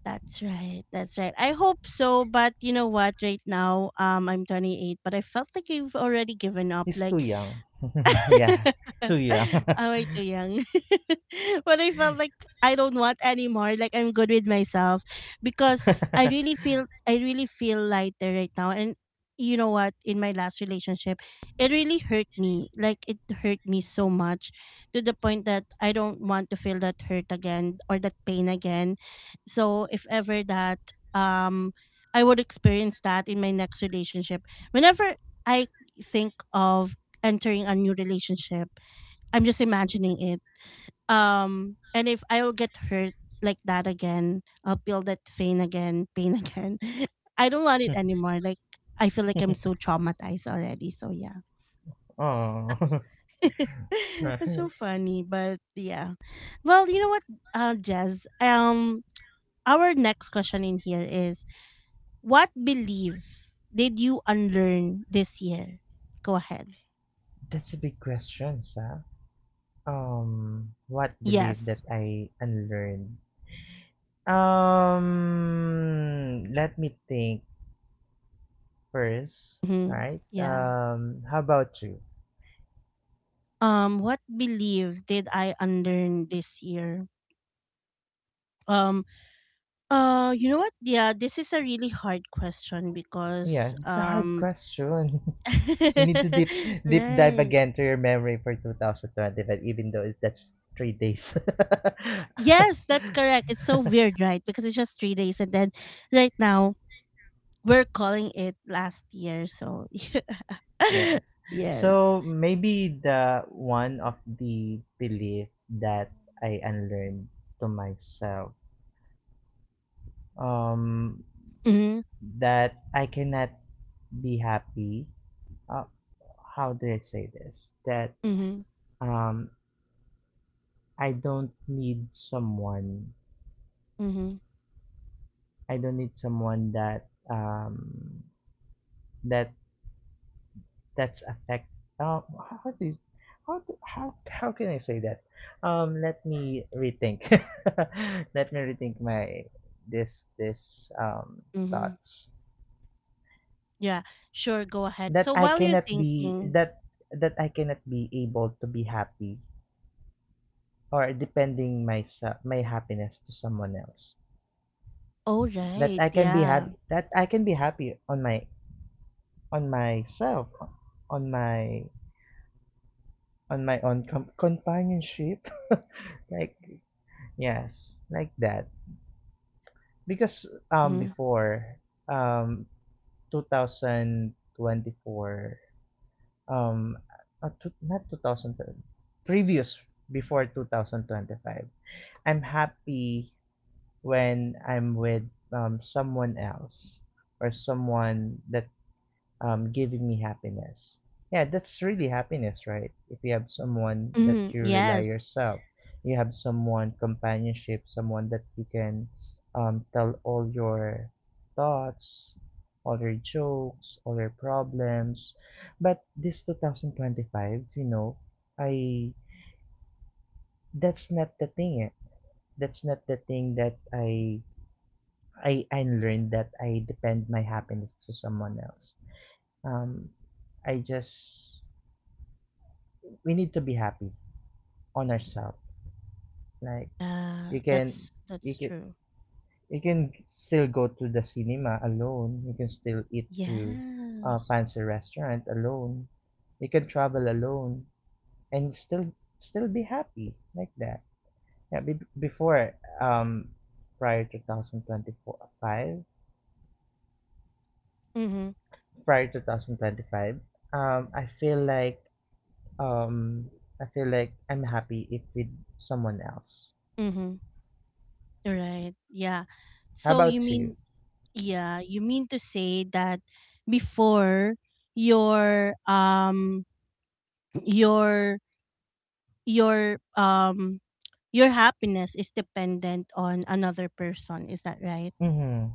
Speaker 1: That's right. That's right. I hope so, but you know what? Right now, I'm 28, but I felt like I've already given up.
Speaker 2: He's too
Speaker 1: Like
Speaker 2: young. yeah,
Speaker 1: Am
Speaker 2: too young.
Speaker 1: I too young? But I felt like I don't want anymore. Like I'm good with myself because I really feel lighter right now. And you know what? In my last relationship, it really hurt me. Like it hurt me so much to the point that I don't want to feel that hurt again or that pain again. So if ever that um I would experience that in my next relationship. Whenever I think of entering a new relationship. I'm just imagining it. And if I'll get hurt like that again, I'll feel that pain again, pain again. I don't want it anymore. Like I feel like I'm so traumatized already. So yeah.
Speaker 2: Oh.
Speaker 1: That's so
Speaker 2: Right.
Speaker 1: funny, but yeah. Well, you know what, Jazz. Our next question in here is: what belief did you unlearn this year? Go ahead.
Speaker 2: That's a big question, sir. What belief that
Speaker 1: Yes.
Speaker 2: I unlearned? Let me think first. All
Speaker 1: Mm-hmm.
Speaker 2: right.
Speaker 1: Yeah.
Speaker 2: How about you?
Speaker 1: What belief did I unlearn this year? Um, you know what? Yeah, this is a really hard question
Speaker 2: Yeah,
Speaker 1: because
Speaker 2: it's a hard question. You need to deep dive
Speaker 1: right.
Speaker 2: again to your memory for 2025, even though that's 3 days.
Speaker 1: Yes, that's correct. It's so weird, right? Because it's just 3 days, and then right now we're calling it last year. So
Speaker 2: Yes.
Speaker 1: yes.
Speaker 2: So maybe the one of the belief that I unlearned to myself. Um,
Speaker 1: Mm-hmm.
Speaker 2: that I cannot be happy. Uh, how do I say this? That
Speaker 1: Mm-hmm.
Speaker 2: um, I don't need someone.
Speaker 1: Mm-hmm.
Speaker 2: I don't need someone that that's affect. How do you, how do, how can I say that? Let me rethink. Let me rethink my this
Speaker 1: Mm-hmm.
Speaker 2: thoughts.
Speaker 1: Yeah. Sure. Go ahead.
Speaker 2: that
Speaker 1: So
Speaker 2: I
Speaker 1: while you're
Speaker 2: cannot be
Speaker 1: thinking,
Speaker 2: that that I cannot be able to be happy, or depending my happiness to someone else.
Speaker 1: oh
Speaker 2: That
Speaker 1: right,
Speaker 2: I can be
Speaker 1: yeah.
Speaker 2: happy that I can be happy on myself on my on my own companionship. Like yes, like that. Because
Speaker 1: Mm-hmm.
Speaker 2: before, um 2024, um two, not 2000 previous, before 2025 I'm happy when I'm with someone else, or someone that giving me happiness. Yeah, that's really happiness, right? If you have someone that
Speaker 1: Mm-hmm.
Speaker 2: you rely
Speaker 1: Yes.
Speaker 2: yourself, you have someone companionship, someone that you can tell all your thoughts, all your jokes, all your problems. But this 2025, I that's not the thing. Eh. That's not the thing that I learned that I depend my happiness to someone else. Um, I just we need to be happy on ourselves. Like
Speaker 1: Yeah,
Speaker 2: you can you
Speaker 1: that's
Speaker 2: can
Speaker 1: true.
Speaker 2: you can still go to the cinema alone. You can still eat to a
Speaker 1: Yes.
Speaker 2: fancy restaurant alone. You can travel alone and still be happy like that. Yeah, before um prior to 2025,
Speaker 1: Mhm.
Speaker 2: prior to 2025, um I feel like Um, I feel like I'm happy if with someone else.
Speaker 1: Mhm. Right. Yeah.
Speaker 2: How
Speaker 1: So you
Speaker 2: about you?
Speaker 1: mean yeah, you mean to say that before your um your your um your happiness is dependent on another person, is that right?
Speaker 2: Mm-hmm.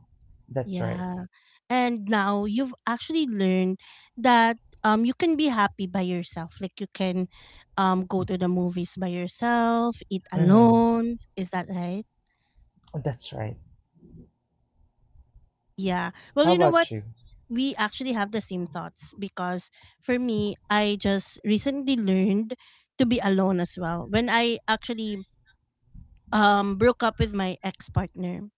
Speaker 2: That's right.
Speaker 1: Yeah. And now you've actually learned that you can be happy by yourself. Like you can go to the movies by yourself, eat
Speaker 2: Mm-hmm.
Speaker 1: alone. Is that right?
Speaker 2: That's right.
Speaker 1: Yeah. Well,
Speaker 2: How
Speaker 1: you know what?
Speaker 2: about you?
Speaker 1: We actually have the same thoughts because for me, I just recently learned to be alone as well. When I actually broke up with my ex-partner,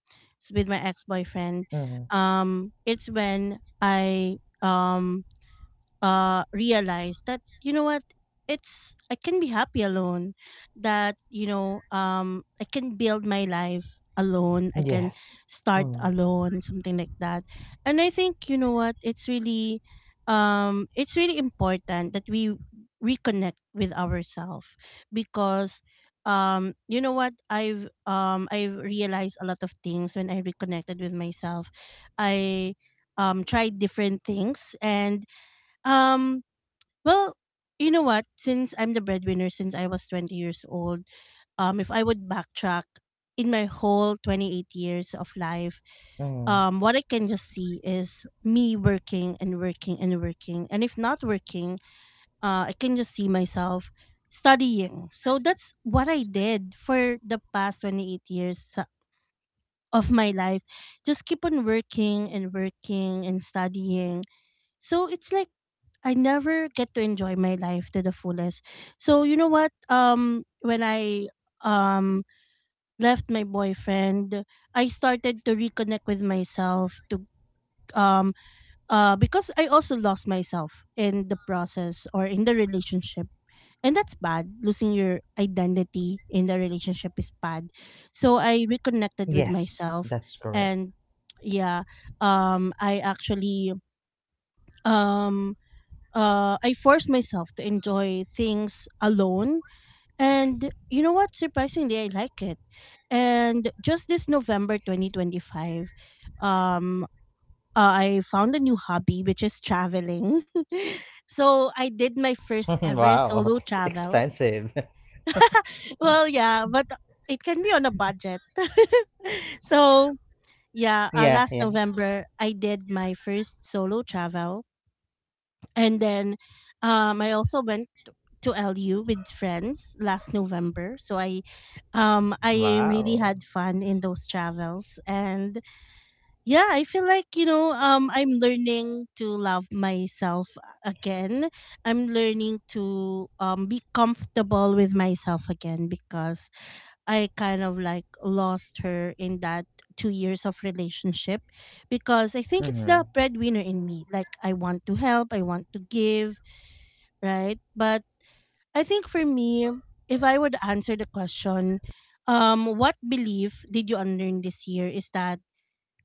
Speaker 1: with my ex-boyfriend,
Speaker 2: Mm-hmm.
Speaker 1: it's when I um realize that you know what, it's I can be happy alone, that you know, I can build my life alone, I can
Speaker 2: Yes.
Speaker 1: start
Speaker 2: Mm-hmm.
Speaker 1: alone, something like that. And I think you know what, it's really important that we reconnect with ourselves because you know what, I've realized a lot of things when I reconnected with myself. I tried different things, and um, well, you know what? Since I'm the breadwinner since I was 20 years old, if I would backtrack in my whole 28 years of life,
Speaker 2: Mm-hmm.
Speaker 1: what I can just see is me working and working and working. And if not working, I can just see myself studying. So that's what I did for the past 28 years of my life. Just keep on working and working and studying. So it's like I never get to enjoy my life to the fullest. So you know what? When I um left my boyfriend, I started to reconnect with myself to um because I also lost myself in the process or in the relationship. And that's bad. Losing your identity in the relationship is bad. So I
Speaker 2: Yes.
Speaker 1: reconnected with
Speaker 2: That's correct.
Speaker 1: myself, and yeah, I actually um I force myself to enjoy things alone. And you know what? Surprisingly, I like it. And just this November 2025, um, I found a new hobby, which is traveling. So I did my first ever solo
Speaker 2: Wow.
Speaker 1: travel.
Speaker 2: It's expensive.
Speaker 1: Well, yeah, but it can be on a budget. So, yeah, last
Speaker 2: Yeah,
Speaker 1: November,
Speaker 2: yeah.
Speaker 1: I did my first solo travel. And then I also went to LU with friends last November. So I really had fun in
Speaker 2: Wow.
Speaker 1: those travels, and yeah, I feel like, you know, I'm learning to love myself again. I'm learning to be comfortable with myself again because I kind of like lost her in that 2 years of relationship because I think it's the breadwinner in me. Like
Speaker 2: Mm-hmm.
Speaker 1: I want to help, I want to give, right? But I think for me, if I would answer the question, what belief did you unlearn this year is that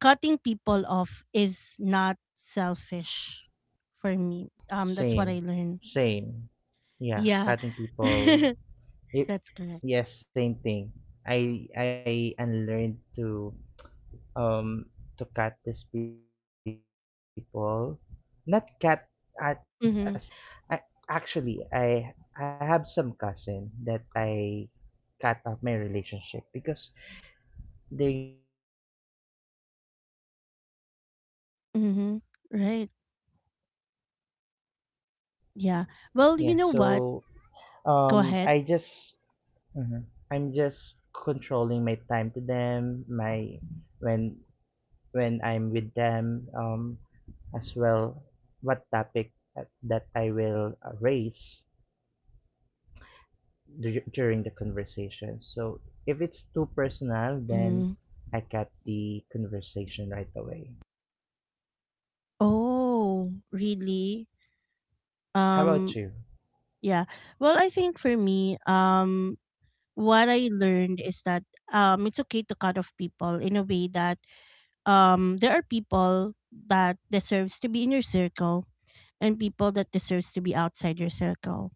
Speaker 1: cutting people off is not selfish for me. That's what I learned.
Speaker 2: Same.
Speaker 1: Yeah.
Speaker 2: Same. Yeah, cutting
Speaker 1: That's correct.
Speaker 2: people. It, yes, same thing. I unlearned um to cut these people, not cut as in
Speaker 1: Mm-hmm.
Speaker 2: disconnect to them. I actually, I have some cousin that I cut off my relationship because they're giving me a toxic thoughts, toxic
Speaker 1: Mm-hmm.
Speaker 2: belief.
Speaker 1: Right. Yeah. Well,
Speaker 2: Yeah,
Speaker 1: you know what?
Speaker 2: so
Speaker 1: Go
Speaker 2: um
Speaker 1: ahead.
Speaker 2: i just mhm, I'm just controlling my time to them, my when when I'm with them, as well what topic that I will raise during the conversation. So if it's too personal, then
Speaker 1: Mm.
Speaker 2: I cut the conversation right away.
Speaker 1: Oh, really?
Speaker 2: How about
Speaker 1: Um,
Speaker 2: you?
Speaker 1: yeah. Well, I think for me, what I learned is that it's okay to cut off people in a way that there are people that deserves to be in your circle and people that deserves to be outside your circle.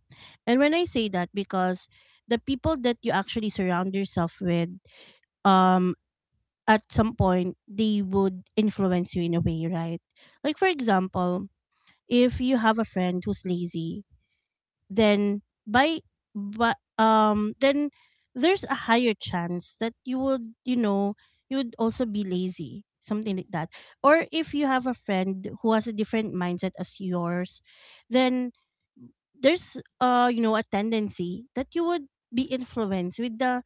Speaker 1: And when I say that, because the people that you actually surround yourself with, um at some point they would influence you in a way, right? Like for example, if you have a friend who's lazy, then by but then there's a higher chance that you would, you know, you would also be lazy, something like that. Or if you have a friend who has a different mindset as yours, then there's you know, a tendency that you would be influenced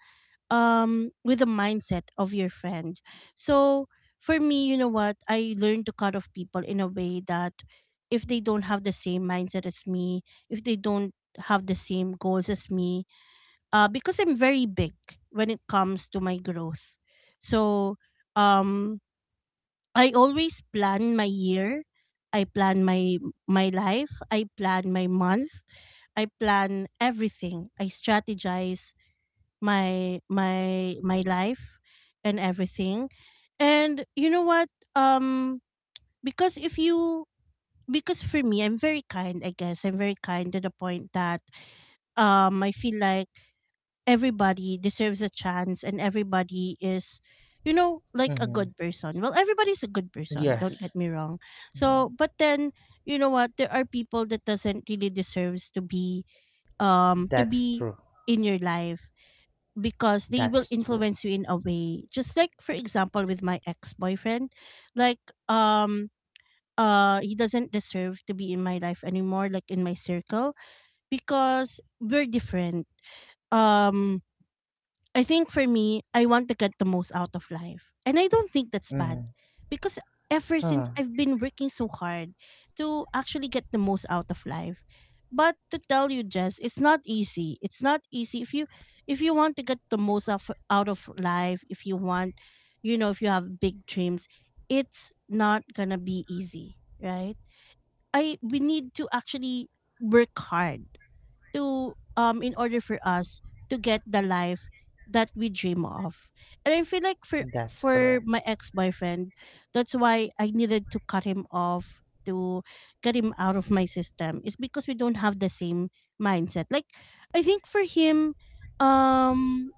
Speaker 1: with the mindset of your friend. So for me, you know what? I learned to cut off people in a way that if they don't have the same mindset as me, if they don't have the same goals as me, because I'm very big when it comes to my growth. So um I always plan my year. I plan my life, I plan my month, I plan everything. I strategize my life and everything. And you know what? um because if you, because for me, I'm very kind, I guess I'm very kind to the point that I feel like everybody deserves a chance and everybody is, you know, like a good
Speaker 2: Mm-hmm.
Speaker 1: person. Well, everybody's a good person, don't get
Speaker 2: Yes.
Speaker 1: me wrong. So
Speaker 2: Mm.
Speaker 1: but then, you know what, there are people that doesn't really deserves
Speaker 2: That's
Speaker 1: to
Speaker 2: true.
Speaker 1: be in your life, because they
Speaker 2: That's
Speaker 1: will
Speaker 2: true.
Speaker 1: influence you in a way, just like for example with my ex-boyfriend. Like um he doesn't deserve to be in my life anymore, like in my circle, because we're different. um I think for me, I want to get the most out of life. And I don't think that's bad
Speaker 2: Mm-hmm.
Speaker 1: because ever since,
Speaker 2: Huh.
Speaker 1: I've been working so hard to actually get the most out of life. But to tell you, Jess, it's not easy. It's not easy if you, if you want to get the most of, out of life, if you want, you know, if you have big dreams, it's not going to be easy, right? I We need to actually work hard to, in order for us to get the life that we dream of. And I feel like for
Speaker 2: That's correct.
Speaker 1: my ex-boyfriend, that's why I needed to cut him off, to get him out of my system. It's because we don't have the same mindset. Like I think for him, um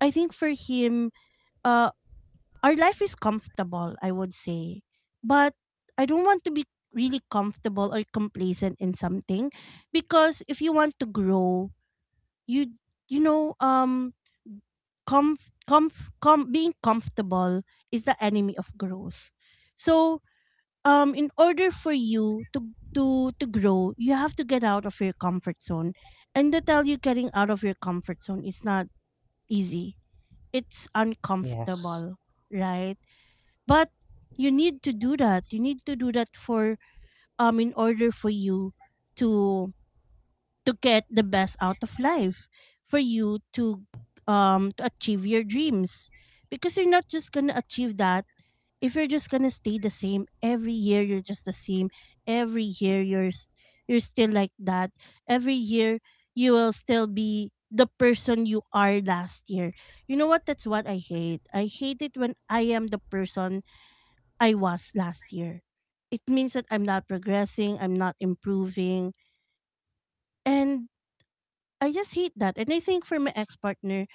Speaker 1: I think for him, uh our life is comfortable, I would say. But I don't want to be really comfortable or complacent in something, because if you want to grow, you you know, comf comf com being comfortable is the enemy of growth. So in order for you to to grow, you have to get out of your comfort zone. And to tell you, getting out of your comfort zone is not easy. It's
Speaker 2: Yes.
Speaker 1: uncomfortable, right? But you need to do that, you need to do that for, in order for you to to get the best out of life, for you to achieve your dreams. Because you're not just going to achieve that if you're just going to stay the same. Every year you're just the same, every year you're still like that. Every year you will still be the person you are last year. You know what, that's what I hate, I hate it when I am the person I was last year. It means that I'm not progressing, I'm not improving. And I just hate that. And I think for my ex partner,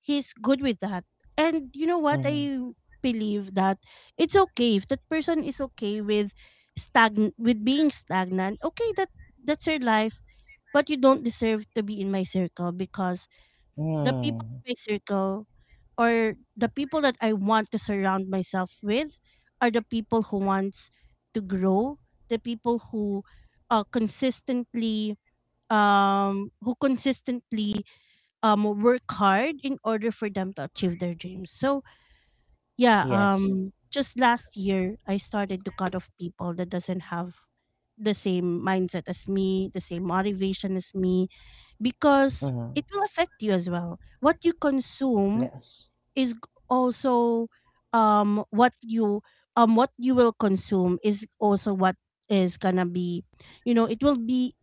Speaker 1: he's good with that. And you know what?
Speaker 2: Mm-hmm.
Speaker 1: I believe that it's okay if that person is okay with stagn with being stagnant. Okay, that, that's your life, but you don't deserve to be in my circle, because the people
Speaker 2: Mm-hmm.
Speaker 1: in my circle, or the people that I want to surround myself with, are the people who wants to grow, the people who consistently, who consistently work hard in order for them to achieve their dreams. So
Speaker 2: Yes.
Speaker 1: yeah, just last year I started to cut off people that doesn't have the same mindset as me, the same motivation as me,
Speaker 2: Mm-hmm.
Speaker 1: because it will affect you as well. What you consume
Speaker 2: Yes.
Speaker 1: is g- Also, what you, what you will consume is also what is gonna be, you know, it will be,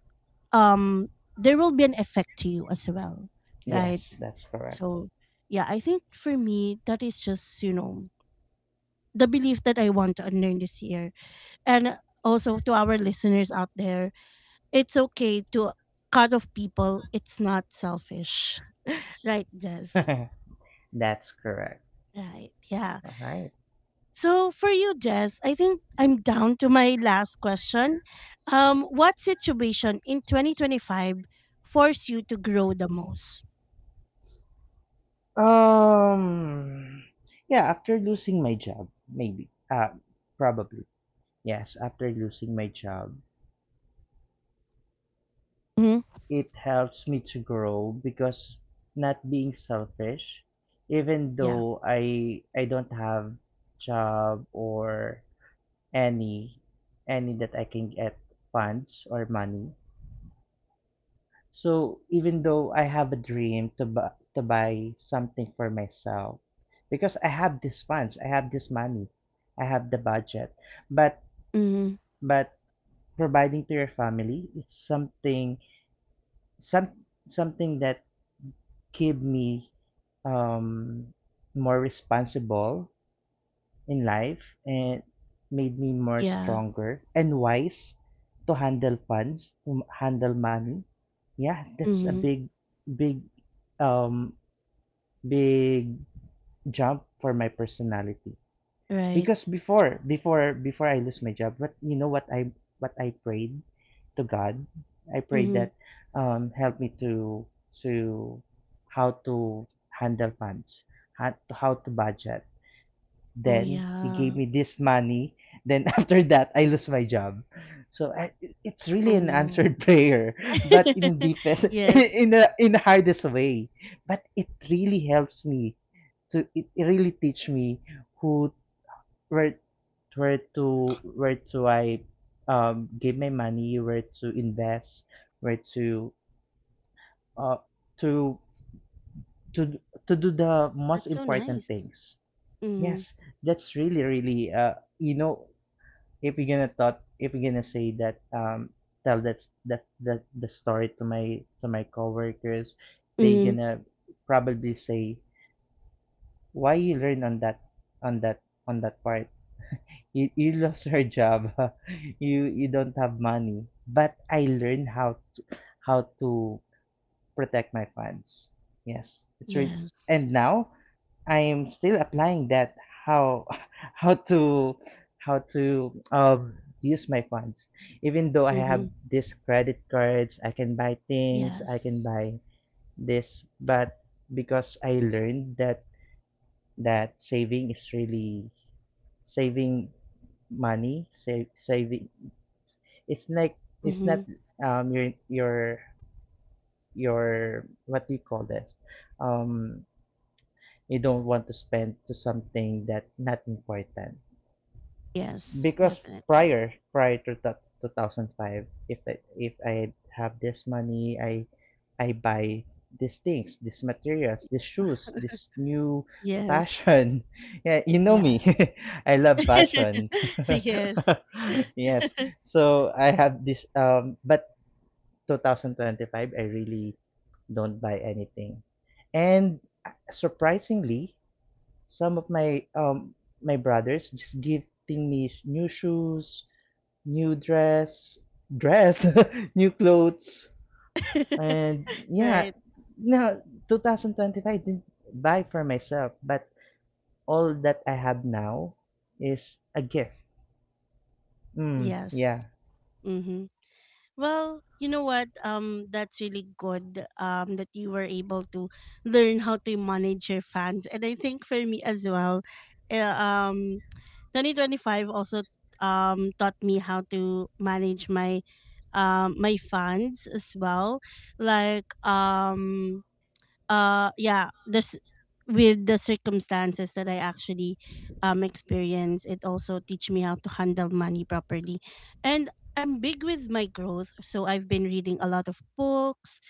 Speaker 1: um there will be an effect to you as well. Right.
Speaker 2: Yes, that's correct.
Speaker 1: So, yeah, I think for me, that is just, you know, the belief that I want to unlearn this year. And also to our listeners out there, it's okay to cut off people. It's not selfish. Right, Jess?
Speaker 2: That's correct.
Speaker 1: Right, yeah.
Speaker 2: Right.
Speaker 1: So for you, Jess, I think I'm down to my last question. What situation in 2025 forced you to grow the most?
Speaker 2: Um. Yeah. After losing my job, maybe. Probably. Yes. After losing my job,
Speaker 1: Hmm.
Speaker 2: it helps me to grow because not being selfish, even
Speaker 1: Yeah.
Speaker 2: though I don't have job, or any any that I can get funds or money. So even though I have a dream to bu to buy something for myself, because I have these funds, I have this money, I have the budget, but
Speaker 1: Hmm.
Speaker 2: but providing to your family is some something that give me um more responsible in life, and made me more
Speaker 1: Yeah.
Speaker 2: stronger and wise to handle funds, to handle money. Yeah, that's a
Speaker 1: Hmm.
Speaker 2: big um big jump for my personality.
Speaker 1: Right.
Speaker 2: Because before I lose my job, but you know what I prayed to God. I prayed
Speaker 1: Hmm.
Speaker 2: that help me to how to handle funds, how to budget.
Speaker 1: Oh,
Speaker 2: Then he gave
Speaker 1: yeah.
Speaker 2: me this money. Then after that, I lose my job. So it's really
Speaker 1: Oh,
Speaker 2: an
Speaker 1: no.
Speaker 2: answered prayer, but in the deepest,
Speaker 1: Yes.
Speaker 2: in the hardest way. But it really helps me, so it really teach me who where where to I give my money, where to invest, where to uh to to to do the most
Speaker 1: That's so
Speaker 2: important
Speaker 1: nice.
Speaker 2: things.
Speaker 1: Mhm.
Speaker 2: Yes, that's really if you're gonna say that tell that the story to my coworkers, they
Speaker 1: Mhm.
Speaker 2: gonna probably say why you learn on that on that on that part. You lost your job. You don't have money, but I learned how to protect my funds. Yes,
Speaker 1: Yes.
Speaker 2: and now I am still applying that, how how to how to use my funds. Even though I have
Speaker 1: Mhm.
Speaker 2: these credit cards, I can buy things, I can
Speaker 1: Yes.
Speaker 2: buy this, but because I learned that saving is really saving money, saving. It's like it's not
Speaker 1: Mhm.
Speaker 2: um your your your what do you call this? Um, you don't want to spend to something that not important,
Speaker 1: Yes,
Speaker 2: because
Speaker 1: definitely.
Speaker 2: prior to that 2005, if I have this money, I buy these things, these materials, these shoes, this new
Speaker 1: Yes.
Speaker 2: fashion. Yeah, you know
Speaker 1: Yeah.
Speaker 2: me. I love fashion.
Speaker 1: Yes.
Speaker 2: Yes. So I have this but 2025, I really don't buy anything. And surprisingly, some of my brothers just gifting me new shoes, new dress, new clothes, and yeah.
Speaker 1: Right.
Speaker 2: Now 2025 I didn't buy for myself, but all that I have now is a gift. Mm,
Speaker 1: Yes.
Speaker 2: yeah.
Speaker 1: Mhm. Well, you know what? That's really good, that you were able to learn how to manage your fans. And I think for me as well, eh, um 2025 also taught me how to manage my my funds as well. Like yeah, this, with the circumstances that I actually experience, it also teach me how to handle money properly. And I'm big with my growth, so I've been reading a lot of books,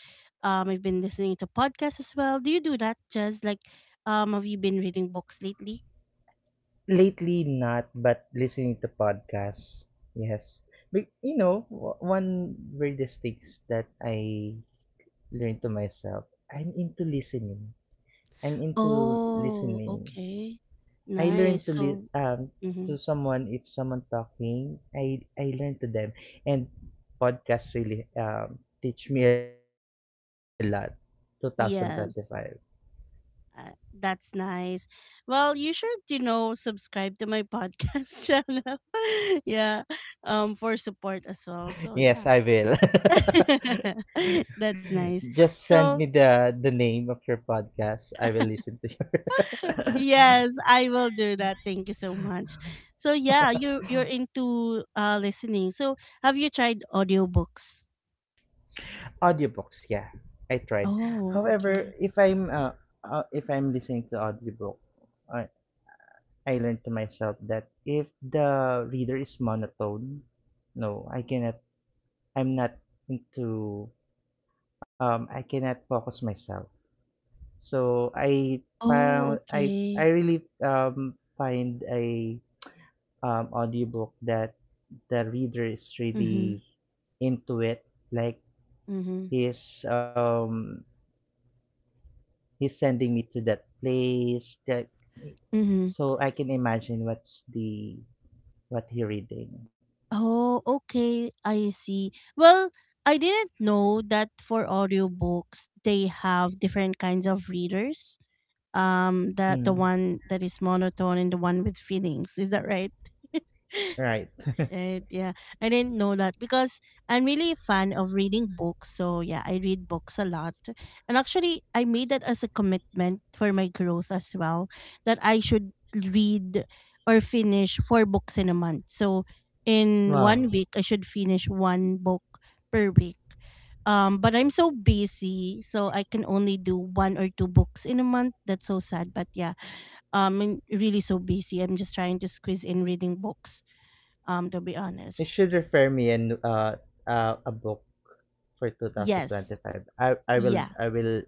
Speaker 1: I've been listening to podcasts as well. Do you do that, Jazz? Like, have you been reading books lately?
Speaker 2: Lately not, but listening to podcasts, yes. But one weirdest things that I learned to myself, I'm into listening. I'm into
Speaker 1: Oh,
Speaker 2: listening.
Speaker 1: okay.
Speaker 2: I learn
Speaker 1: Nice.
Speaker 2: to
Speaker 1: So,
Speaker 2: to
Speaker 1: mhm.
Speaker 2: someone. If someone talking, I learn to them, and podcasts really teach me a lot. Five.
Speaker 1: Yes, that's nice. Well, you should, you know, subscribe to my podcast channel. Yeah, for support as well. So,
Speaker 2: Yes,
Speaker 1: yeah,
Speaker 2: I will.
Speaker 1: that's nice.
Speaker 2: Just send
Speaker 1: So,
Speaker 2: me the name of your podcast. I will listen to your
Speaker 1: yes, I will do that. Thank you so much. So, yeah, you you're into listening. So, have you tried audiobooks?
Speaker 2: audiobooks. Yeah, I tried.
Speaker 1: Oh,
Speaker 2: However,
Speaker 1: okay.
Speaker 2: if I'm listening to audiobook, I I learned to myself that if the reader is monotone, no, I cannot. I'm not into. I cannot focus myself. So I
Speaker 1: Oh,
Speaker 2: found I
Speaker 1: okay.
Speaker 2: really find a audiobook that the reader is
Speaker 1: Mm-hmm.
Speaker 2: really into it. Like
Speaker 1: Mm-hmm.
Speaker 2: he's um he's sending me to that place that
Speaker 1: Mm-hmm.
Speaker 2: so I can imagine what he reading.
Speaker 1: Oh, okay. I see. Well, I didn't know that for audiobooks they have different kinds of readers. That the
Speaker 2: Mm,
Speaker 1: one that is monotone and the one with feelings. Is that right?
Speaker 2: right.
Speaker 1: Right. Yeah. I didn't know that because I'm really a fan of reading books. So, yeah, I read books a lot. And actually, I made that as a commitment for my growth as well, that I should read or finish 4 books in a month. So, in one
Speaker 2: Wow.
Speaker 1: week, I should finish 1 book per week. But I'm so busy, so I can only do one or two books in a month. That's so sad. But yeah, I'm really so busy. I'm just trying to squeeze in reading books, to be
Speaker 2: You
Speaker 1: honest.
Speaker 2: should refer me and a book for
Speaker 1: Yes.
Speaker 2: 2025. I I will
Speaker 1: Yeah.
Speaker 2: I will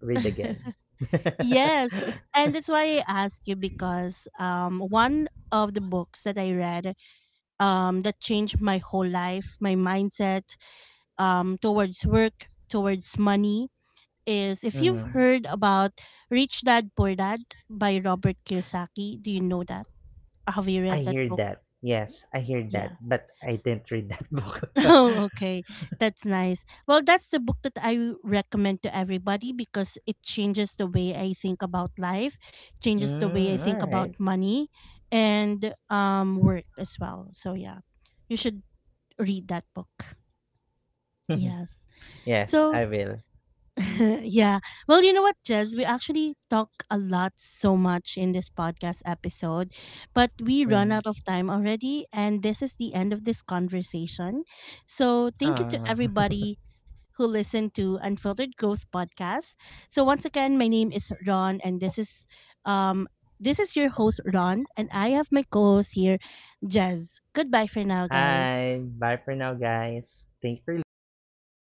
Speaker 2: read again.
Speaker 1: Yes. And that's why I ask you, because one of the books that I read, that changed my whole life, my mindset, towards work, towards money, is, if you've
Speaker 2: Mm.
Speaker 1: heard about Rich Dad Poor Dad by Robert Kiyosaki, do you know that? Have you
Speaker 2: I
Speaker 1: read that
Speaker 2: hear
Speaker 1: book?
Speaker 2: that. Yes, I hear that,
Speaker 1: Yeah.
Speaker 2: but I didn't read that book.
Speaker 1: Oh, okay. That's nice. Well, that's the book that I recommend to everybody, because it changes the way I think about life, changes the way I
Speaker 2: Mm,
Speaker 1: think
Speaker 2: all
Speaker 1: about
Speaker 2: right.
Speaker 1: money and work as well. So yeah. You should read that book. Yes.
Speaker 2: Yes,
Speaker 1: So
Speaker 2: I will.
Speaker 1: yeah. Well, you know what, Jez? We actually talk a lot so much in this podcast episode, but we run
Speaker 2: Mm.
Speaker 1: out of time already, and this is the end of this conversation. So, thank you to
Speaker 2: Aw.
Speaker 1: everybody who listened to Unfiltered Growth Podcast. So, once again, my name is Ron, and um this is your host Ron, and I have my co-host here, Jez. Goodbye for now, guys.
Speaker 2: Hi. Bye for now, guys. Thank you for listening.